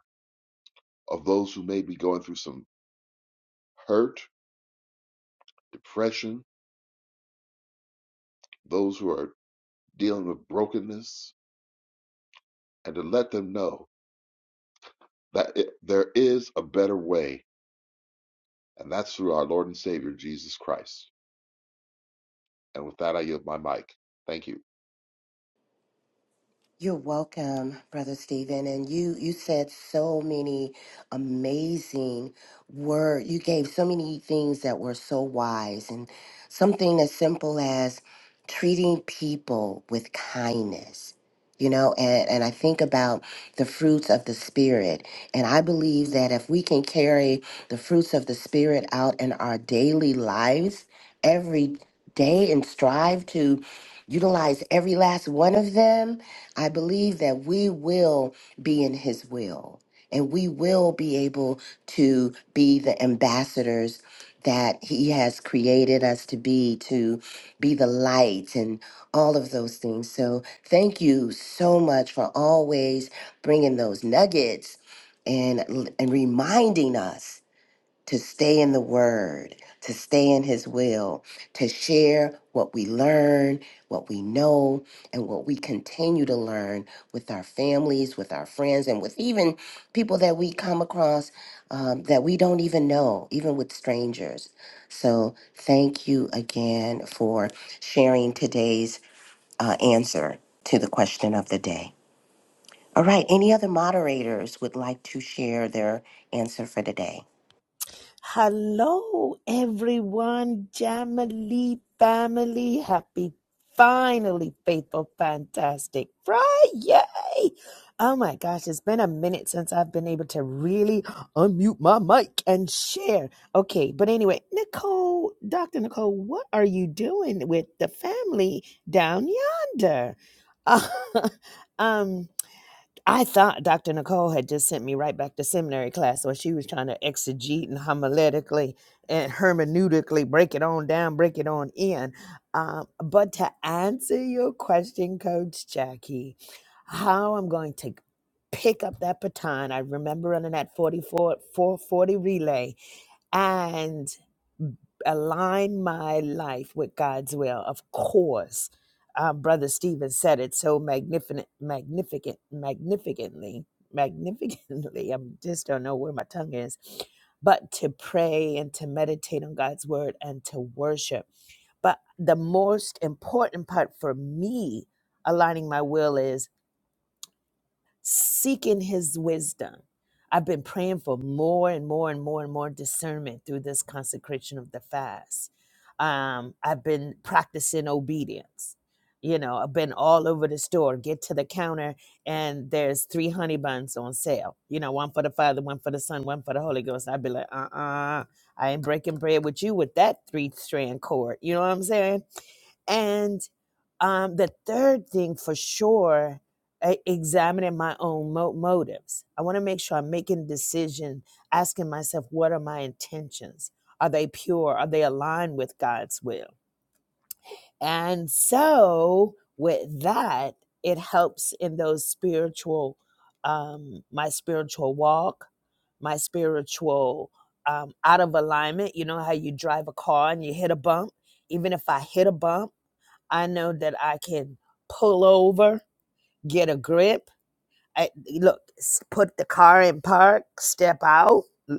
S6: of those who may be going through some hurt, depression, those who are dealing with brokenness, and to let them know that it, there is a better way, and that's through our Lord and Savior Jesus Christ. And with that, I yield my mic. Thank you.
S4: You're welcome, Brother Stephen. And you you said so many amazing words. You gave so many things that were so wise and something as simple as treating people with kindness. You know, and, and I think about the fruits of the spirit. And I believe that if we can carry the fruits of the spirit out in our daily lives every day and strive to utilize every last one of them I believe that we will be in His will and we will be able to be the ambassadors that He has created us to be, to be the light and all of those things. So thank you so much for always bringing those nuggets and, and reminding us to stay in the Word, to stay in His will, to share what we learn, what we know, and what we continue to learn with our families, with our friends, and with even people that we come across um, that we don't even know, even with strangers. So, thank you again for sharing today's uh, answer to the question of the day. All right, any other moderators would like to share their answer for today?
S7: Hello, everyone, Jamily family. Happy, finally, faithful, fantastic Friday. Oh my gosh, it's been a minute since I've been able to really unmute my mic and share. Okay, but anyway, Nicole, Dr. Nicole, what are you doing with the family down yonder? um, I thought Dr. Nicole had just sent me right back to seminary class where she was trying to exegete and homiletically and hermeneutically break it on down, break it on in. Um, but to answer your question, Coach Jackie, how I'm going to pick up that baton, I remember running that 44, 440 relay and align my life with God's will. Of course, uh, Brother Stephen said it so magnificent, magnificent, magnificently, magnificently. I just don't know where my tongue is, but to pray and to meditate on God's word and to worship. But the most important part for me aligning my will is seeking his wisdom. I've been praying for more and more and more and more discernment through this consecration of the fast. Um, I've been practicing obedience. You know, I've been all over the store, get to the counter, and there's three honey buns on sale. You know, one for the Father, one for the Son, one for the Holy Ghost. I'd be like, uh uh I ain't breaking bread with you with that three strand cord. You know what I'm saying? And um, the third thing for sure, I examining my own mo- motives. I want to make sure I'm making a decision, asking myself, what are my intentions? Are they pure? Are they aligned with God's will? And so with that, it helps in those spiritual, um, my spiritual walk, my spiritual um, out of alignment. You know how you drive a car and you hit a bump? Even if I hit a bump, I know that I can pull over, get a grip. I, look, s- put the car in park, step out. l-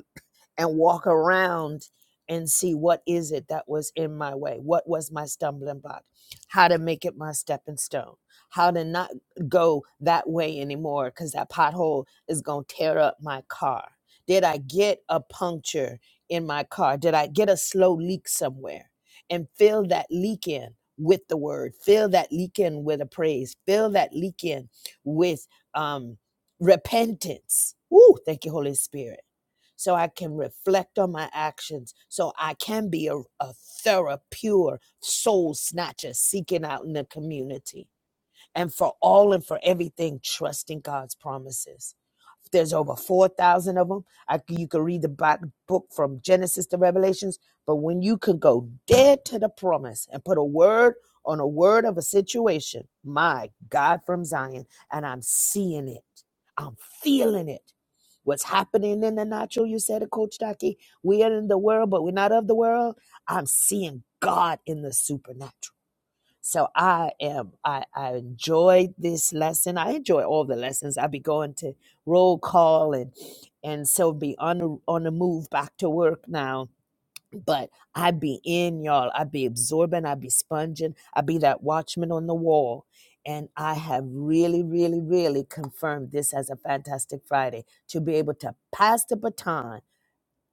S7: and walk around and see what is it that was in my way what was my stumbling block how to make it my stepping stone how to not go that way anymore because that pothole is going to tear up my car did i get a puncture in my car did i get a slow leak somewhere and fill that leak in with the word fill that leak in with a praise fill that leak in with um repentance Woo, thank you holy spirit so I can reflect on my actions, so I can be a, a thorough, pure soul snatcher seeking out in the community. And for all and for everything, trusting God's promises. There's over 4,000 of them. I, c- you can read the Bi- book from Genesis to Revelations. But when you can go dead to the promise and put a word on a word of a situation, my God from Zion, and I'm seeing it, I'm feeling it. What's happening in the natural, you said it, Coach Ducky. We are in the world, but we're not of the world. I'm seeing God in the supernatural. So I am I, I enjoyed this lesson. I enjoy all the lessons. i be going to roll call and and so be on the on the move back to work now. But I be in y'all. I be absorbing. I be sponging. I be that watchman on the wall. And I have really, really, really confirmed this as a fantastic Friday to be able to pass the baton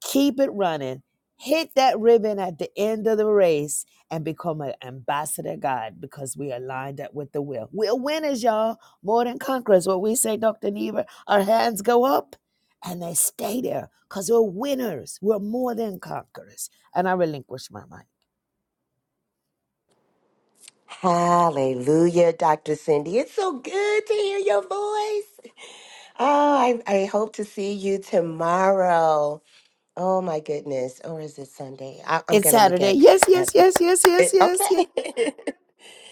S7: keep it running. Hit that ribbon at the end of the race and become an ambassador of God because we are lined up with the will. We're winners, y'all. More than conquerors. What we say, Dr. Neva, our hands go up and they stay there because we're winners. We're more than conquerors. And I relinquish my mind.
S4: Hallelujah, Dr. Cindy. It's so good to hear your voice. Oh, I, I hope to see you tomorrow. Oh my goodness. Or is it Sunday? I, I'm
S7: It's
S4: gonna look
S7: Saturday.
S4: at
S7: Yes, yes,
S4: at
S7: yes, yes, yes,
S4: it.
S7: yes, yes.
S4: Okay.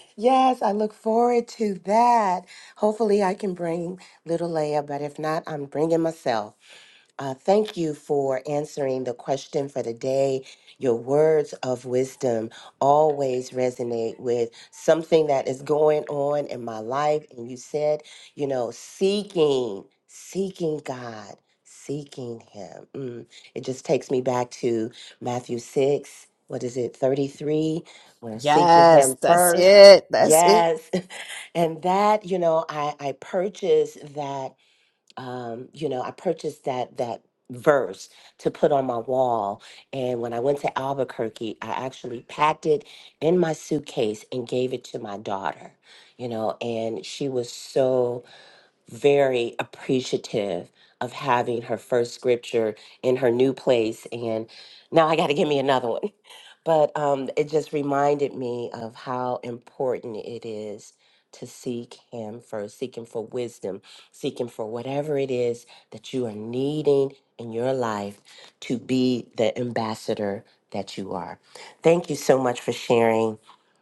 S4: yes, I look forward to that. Hopefully I can bring little Leia, but if not, I'm bringing myself. Uh, thank you for answering the question for the day. Your words of wisdom always resonate with something that is going on in my life. And you said, you know, seeking, seeking God, seeking Him. Mm. It just takes me back to Matthew 6, what is it, 33? We're seeking Him
S7: Yes, that's
S4: first.
S7: it. That's it.
S4: Yes. And that, you know, I, I purchased that um, you know, I purchased that that verse to put on my wall. And when I went to Albuquerque, I actually packed it in my suitcase and gave it to my daughter, you know, and she was so very appreciative of having her first scripture in her new place. And now I got to give me another one. but um, it just reminded me of how important it is to seek Him first, seeking for wisdom, seeking for whatever it is that you are needing in your life to be the ambassador that you are. Thank you so much for sharing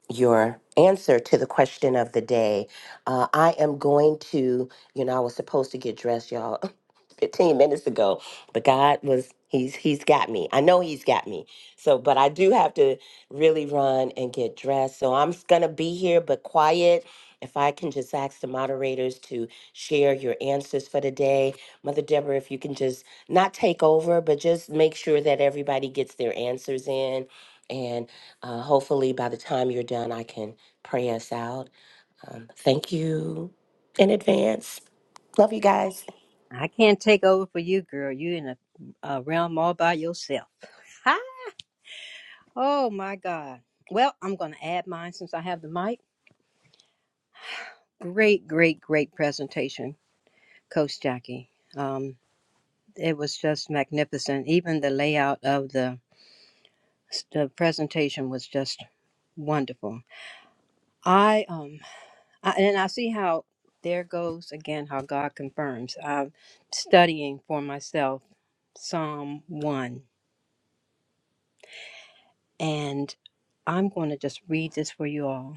S4: your answer to the question of the day. Uh, I am going to, you know, I was supposed to get dressed, y'all, 15 minutes ago, but God was, he's, he's got me. I know he's got me. So, but I do have to really run and get dressed. So I'm going to be here, but quiet. If I can just ask the moderators to share your answers for the day. Mother Deborah, if you can just not take over, but just make sure that everybody gets their answers in. And uh, hopefully, by the time you're done, I can pray us out. Um, thank you in advance. Love you guys.
S3: I can't take over for you, girl. You in a, a realm all by yourself. Ha! Oh my God. Well, I'm going to add mine since I have the mic. Great, great, great presentation, Coach Jackie. Um, it was just magnificent. Even the layout of the the presentation was just wonderful. I um I, and I see how there goes again how God confirms. I'm studying for myself Psalm one And I'm going to just read this for you all.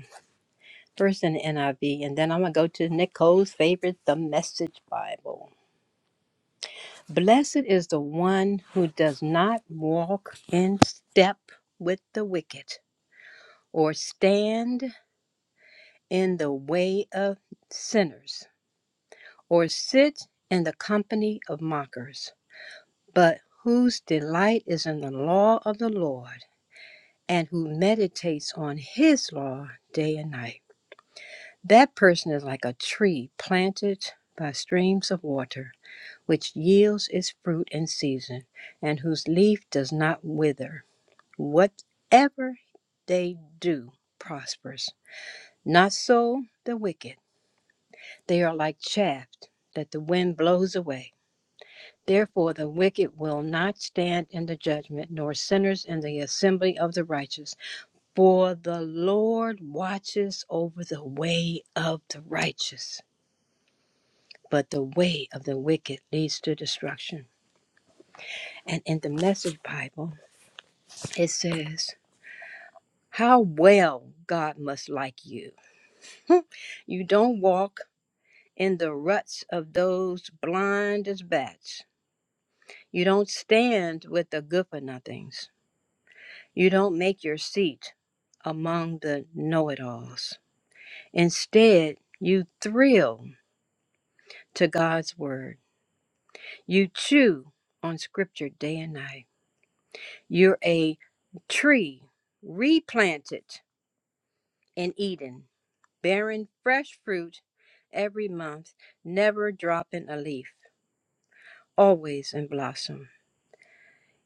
S3: First in the NIV, and then I'm going to go to Nicole's favorite, the Message Bible. Blessed is the one who does not walk in step with the wicked, or stand in the way of sinners, or sit in the company of mockers, but whose delight is in the law of the Lord, and who meditates on his law day and night. That person is like a tree planted by streams of water, which yields its fruit in season, and whose leaf does not wither. Whatever they do prospers. Not so the wicked. They are like chaff that the wind blows away. Therefore, the wicked will not stand in the judgment, nor sinners in the assembly of the righteous. For the Lord watches over the way of the righteous but the way of the wicked leads to destruction. And in the Message Bible, it says, How well God must like you. You don't walk in the ruts of those blind as bats. You don't stand with the good for nothings. You don't make your seat among the know it alls. Instead, you thrill to God's word. You chew on scripture day and night. You're a tree replanted in Eden, bearing fresh fruit every month, never dropping a leaf, always in blossom.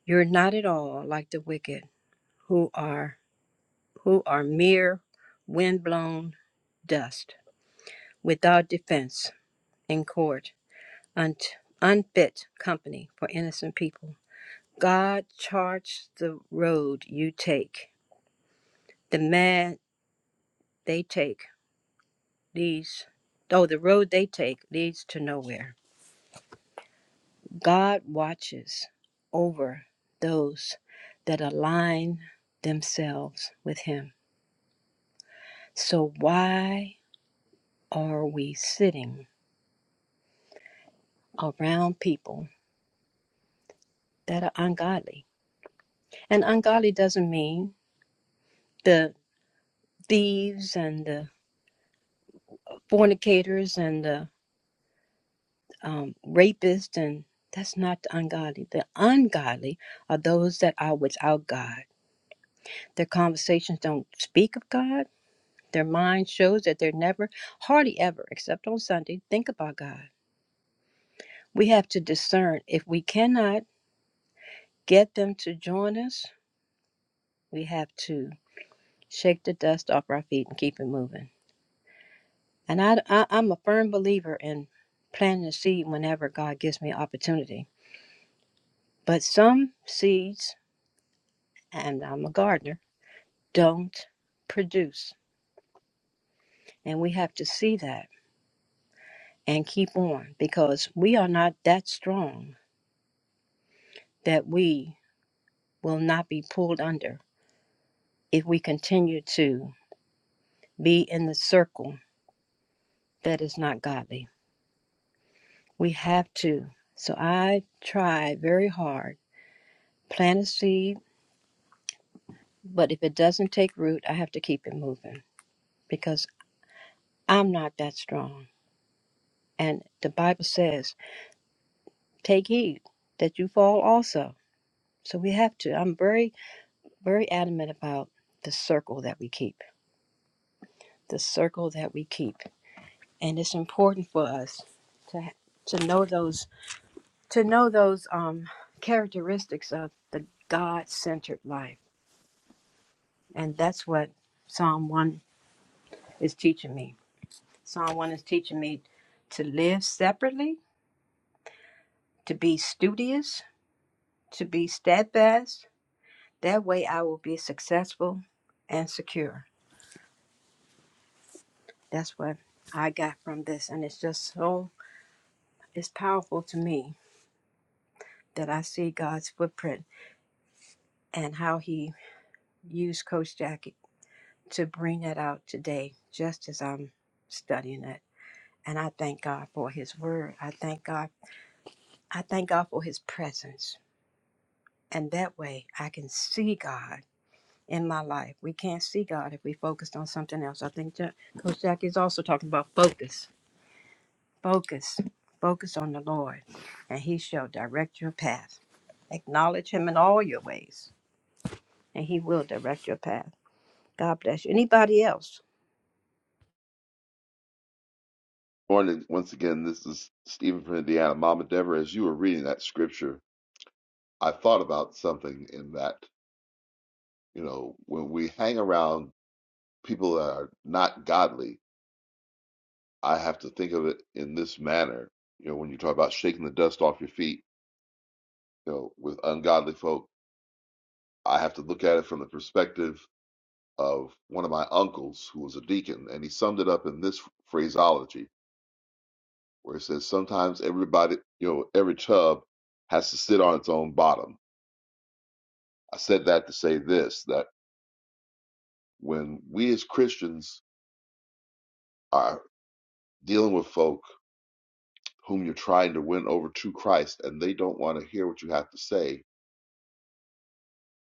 S3: You're not at all like the wicked who are who are mere windblown dust, without defense in court, un- unfit company for innocent people. God charts the road you take, the man they take. leads though the road they take leads to nowhere god watches over those that align themselves with him so why are we sitting around people that are ungodly and ungodly doesn't mean the thieves and the fornicators and the um, rapists and that's not the ungodly the ungodly are those that are without god Their conversations don't speak of God. Their mind shows that they're never, hardly ever, except on Sunday, think about God. We have to discern. If we cannot get them to join us, we have to shake the dust off our feet and keep it moving. And I, I, I'm a firm believer in planting a seed whenever God gives me opportunity. But some seeds, and I'm a gardener, don't produce. And we have to see that and keep on because we are not that strong that we will not be pulled under if we continue to be in the circle that is not godly. We have to. So I try very hard, plant a seed, but if it doesn't take root, I have to keep it moving because I'm not that strong. And the Bible says, take heed that you fall also. So we have to. I'm very, very adamant about the circle that we keep, the circle that we keep. and it's important for us to to know those to know those um, characteristics of the God-centered life, and that's what Psalm one is teaching me. Psalm one is teaching me to live separately, to be studious, to be steadfast. That way, I will be successful and secure. That's what I got from this, and it's just so it's powerful to me that I see God's footprint and how He used Coach Jackie to bring that out today just as I'm studying it. And I thank God for his word. I thank God. I thank God for his presence. And that way I can see God in my life. We can't see God if we focused on something else. I think Ja- Coach Jackie is also talking about focus. Focus. Focus on the Lord. And he shall direct your path. Acknowledge him in all your ways. And he will direct your path. God bless you. Anybody else?
S6: Morning. Once again, this is Stephen from Indiana. Mama Deborah, as you were reading that scripture, I thought about something in that, you know, when we hang around people that are not godly, I have to think of it in this manner. You know, when you talk about shaking the dust off your feet, you know, with ungodly folk, I have to look at it from the perspective of one of my uncles who was a deacon, and he summed it up in this phraseology where it says, Sometimes everybody, you know, every tub has to sit on its own bottom. I said that to say this that when we as Christians are dealing with folk whom you're trying to win over to Christ and they don't want to hear what you have to say,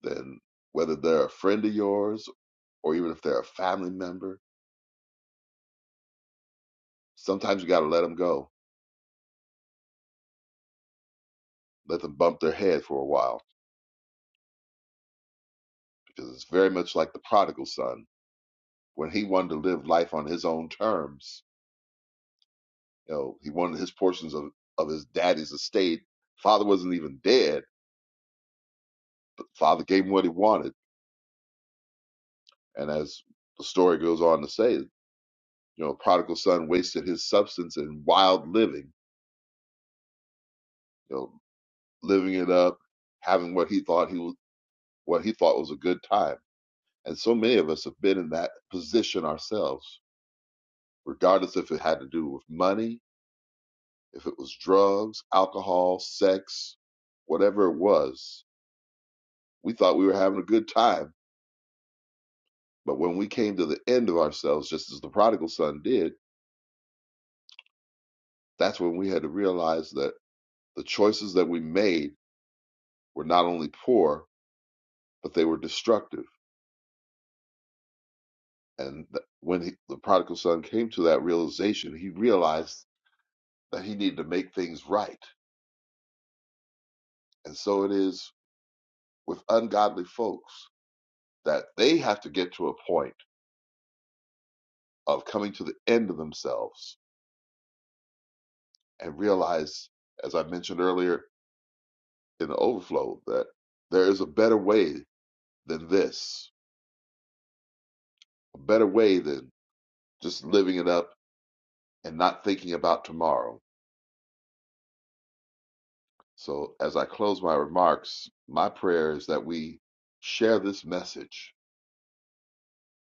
S6: then whether they're a friend of yours or even if they're a family member, sometimes you got to let them go. Let them bump their head for a while because it's very much like the prodigal son when he wanted to live life on his own terms. You know, he wanted his portions of of his daddy's estate. Father wasn't even dead, but father gave him what he wanted. And as the story goes on to say, you know, prodigal son wasted his substance in wild living. You know, living it up, having what he thought he was what he thought was a good time And so many of us have been in that position ourselves, regardless if it had to do with money, if it was drugs, alcohol, sex, whatever it was. We thought we were having a good time. But when we came to the end of ourselves, just as the prodigal son did, that's when we had to realize that the choices that we made were not only poor, but they were destructive. And when he, the prodigal son came to that realization, he realized that he needed to make things right. And so it is with ungodly folks that they have to get to a point of coming to the end of themselves and realize, as I mentioned earlier in the overflow, that there is a better way than this, a better way than just living it up and not thinking about tomorrow. So, as I close my remarks, my prayer is that we share this message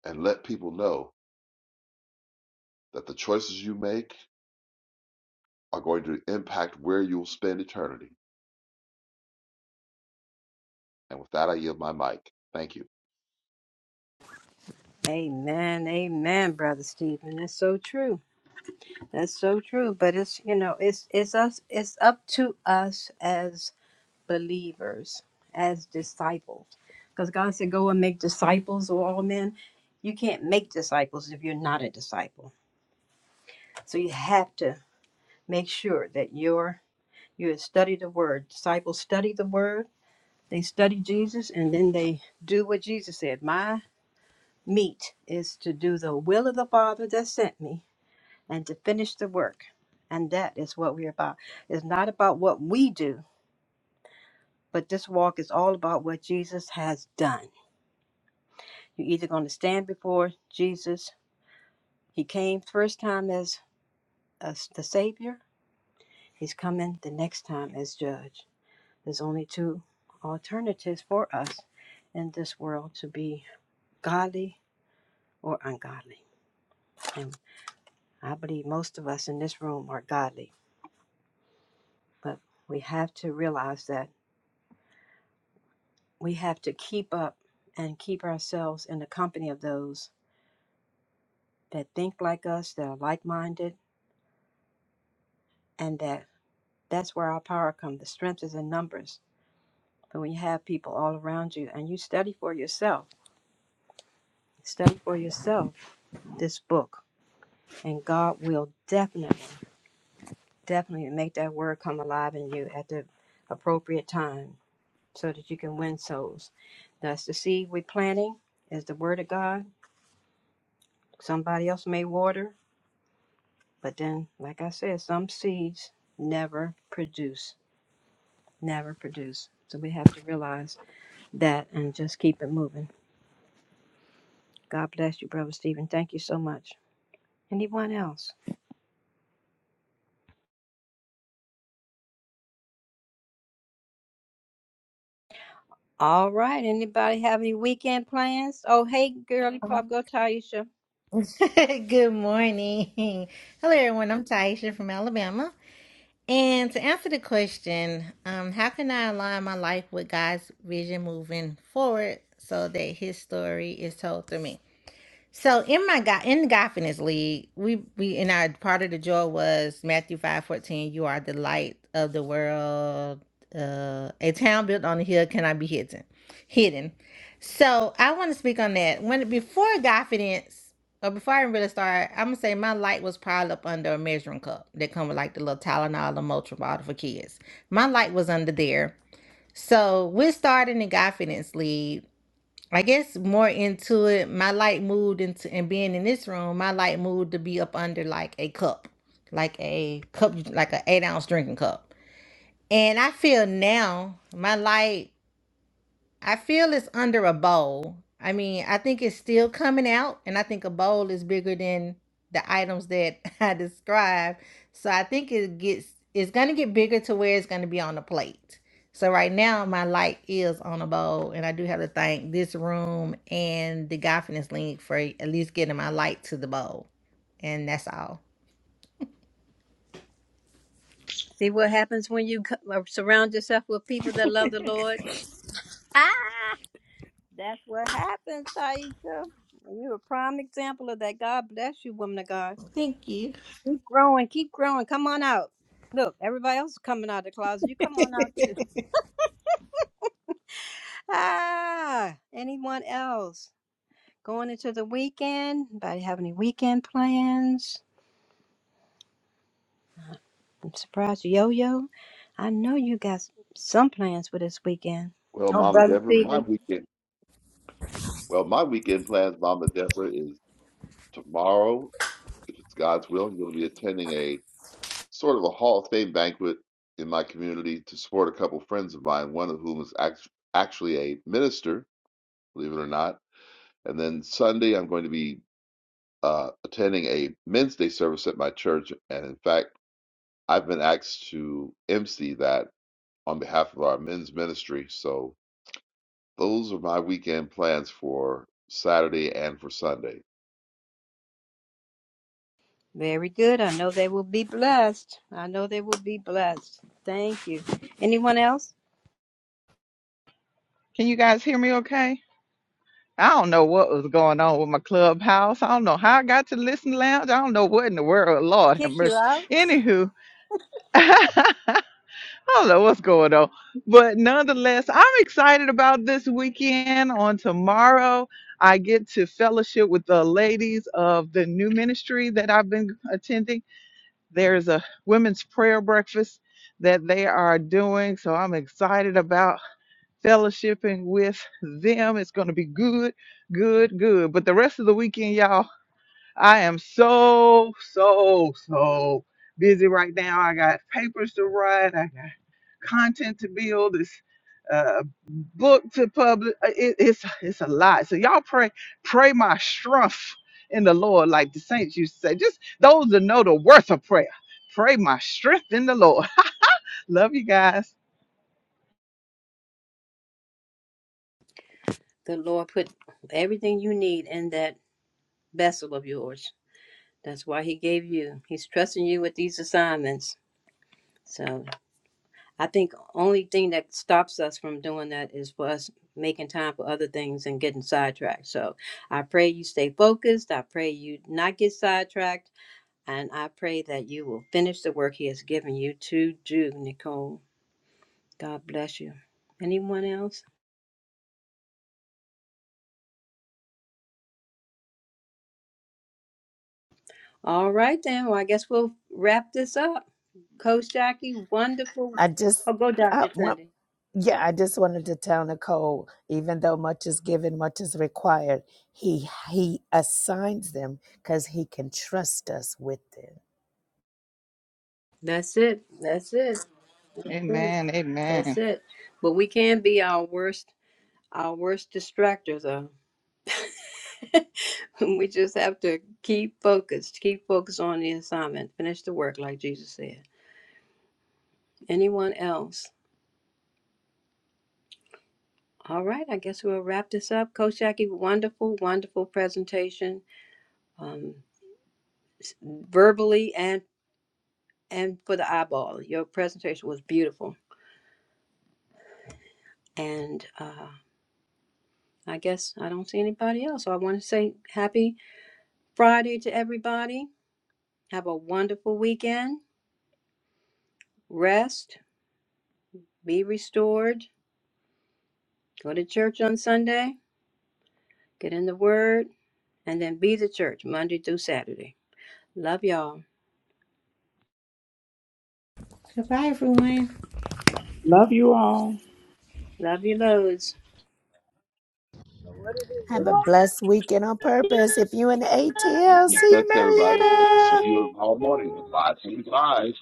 S6: and let people know that the choices you make are going to impact where you'll spend eternity. And with that, I yield my mic. Thank you.
S3: Amen, amen, brother Stephen. That's so true. That's so true. But it's you know, it's it's us. It's up to us as believers, as disciples, because God said, "Go and make disciples of all men." You can't make disciples if you're not a disciple. So you have to make sure that you're you study the word. Disciples study the word. They study Jesus, and then they do what Jesus said. My meat is to do the will of the Father that sent me and to finish the work. And that is what we're about. It's not about what we do, but this walk is all about what Jesus has done. You're either going to stand before Jesus. He came first time as, as the Savior, He's coming the next time as Judge. There's only two alternatives for us in this world to be godly or ungodly. And I believe most of us in this room are godly, but we have to realize that. we have to keep up and keep ourselves in the company of those that think like us, that are like minded, and that that's where our power comes. The strength is in numbers. But when you have people all around you and you study for yourself, study for yourself this book, and God will definitely, definitely make that word come alive in you at the appropriate time so that you can win souls. That's the seed we're planting is the word of God. Somebody else may water, But then, like I said, some seeds never produce, never produce. So we have to realize that and just keep it moving. God bless you, Brother Stephen. Thank you so much. Anyone else? All right. Anybody have any weekend plans? Oh, hey, girly
S8: Um,
S3: pop, go Taisha.
S8: Good morning. Hello, everyone. I'm Taisha from Alabama. And to answer the question, um, how can I align my life with God's vision moving forward so that His story is told through me? So in my God in the Godfitness League, we we in our part of the joy was Matthew five fourteen, you are the light of the world. Uh, a town built on a hill cannot be hidden. Hidden. So I want to speak on that. When before Godfidence, or before I really started, I'm gonna say my light was piled up under a measuring cup that come with like the little Tylenol or Motrin bottle for kids. My light was under there. So we're starting the Godfidence League I guess more into it, my light moved into and being in this room, my light moved to be up under like a cup, like a cup, like an eight ounce drinking cup. And I feel now my light. I feel it's under a bowl. I mean, I think it's still coming out, and I think a bowl is bigger than the items that I described. So I think it gets it's gonna get bigger to where it's gonna be on the plate. So right now my light is on a bowl, and I do have to thank this room and the Godfidence link for at least getting my light to the bowl. And that's all.
S3: See what happens when you co- uh, surround yourself with people that love the Lord. Ah, that's what happens, Taisha. You're a prime example of that. God bless you, woman of God.
S8: Thank you.
S3: Keep growing, keep growing. Come on out. Look, everybody else is coming out of the closet. You come on out too. Ah, anyone else going into the weekend? Anybody have any weekend plans? I'm surprised, Yo Yo. I know you got some plans for this weekend.
S6: Well,
S3: Oh,
S6: Mama
S3: brother
S6: Deborah, my
S3: Stephen.
S6: weekend. Well, my weekend plans, Mama Deborah, is tomorrow, if it's God's will, I'm going to be attending a sort of a Hall of Fame banquet in my community to support a couple friends of mine, one of whom is act- actually a minister, believe it or not. And then Sunday, I'm going to be uh, attending a Men's Day service at my church. And in fact, I've been asked to MC that on behalf of our men's ministry. So those are my weekend plans for Saturday and for Sunday.
S3: Very good. I know they will be blessed. I know they will be blessed. Thank you. Anyone else?
S1: Can you guys hear me okay? I don't know what was going on with my clubhouse. I don't know how I got to listen lounge. I don't know what in the world. Lord have
S3: Kick you
S1: mercy.
S3: out.
S1: Anywho, I don't know what's going on. But nonetheless, I'm excited about this weekend. On tomorrow, I get to fellowship with the ladies of the new ministry that I've been attending. There's a women's prayer breakfast that they are doing. So I'm excited about fellowshipping with them. It's going to be good, good, good. But the rest of the weekend, y'all, I am so, so, so busy right now. I got papers to write, I got content to build. It's uh, book to publish. Uh, It, it's it's a lot. So y'all pray pray my strength in the Lord, like the saints used to say. Just those that know the worth of prayer. Pray my strength in the Lord. Love you guys.
S3: The Lord put everything you need in that vessel of yours. That's why he gave you. He's trusting you with these assignments. So I think only thing that stops us from doing that is for us making time for other things and getting sidetracked. So I pray you stay focused. I pray you not get sidetracked. And I pray that you will finish the work he has given you to do, Nicole. God bless you. Anyone else? All right then. Well I guess we'll wrap this up. Coach Jackie, wonderful.
S7: I just
S3: Oh go
S7: I
S3: Dr.
S7: want
S3: Sunday.
S7: yeah, I just wanted to tell Nicole, even though much is given, much is required, he he assigns them because he can trust us with them.
S3: That's it. That's it. That's it. But we can be our worst our worst distractors though. We just have to keep focused, keep focused on the assignment, finish the work like Jesus said. Anyone else? All right, I guess we'll wrap this up. Coach Jackie, wonderful, wonderful presentation. Um, s- verbally and and for the eyeball. Your presentation was beautiful. And uh, I guess I don't see anybody else. So I want to say happy Friday to everybody. Have a wonderful weekend. Rest Be restored. Go to church on Sunday. Get in the Word. And then be the church Monday through Saturday. Love y'all.
S8: Goodbye, everyone.
S9: Love you all.
S3: Love you loads.
S7: Have a blessed weekend on purpose. If you in the ATL,
S6: Amen.
S7: see you,
S6: Bless everybody. Let's
S7: Marietta.
S6: see you tomorrow morning at 5 live.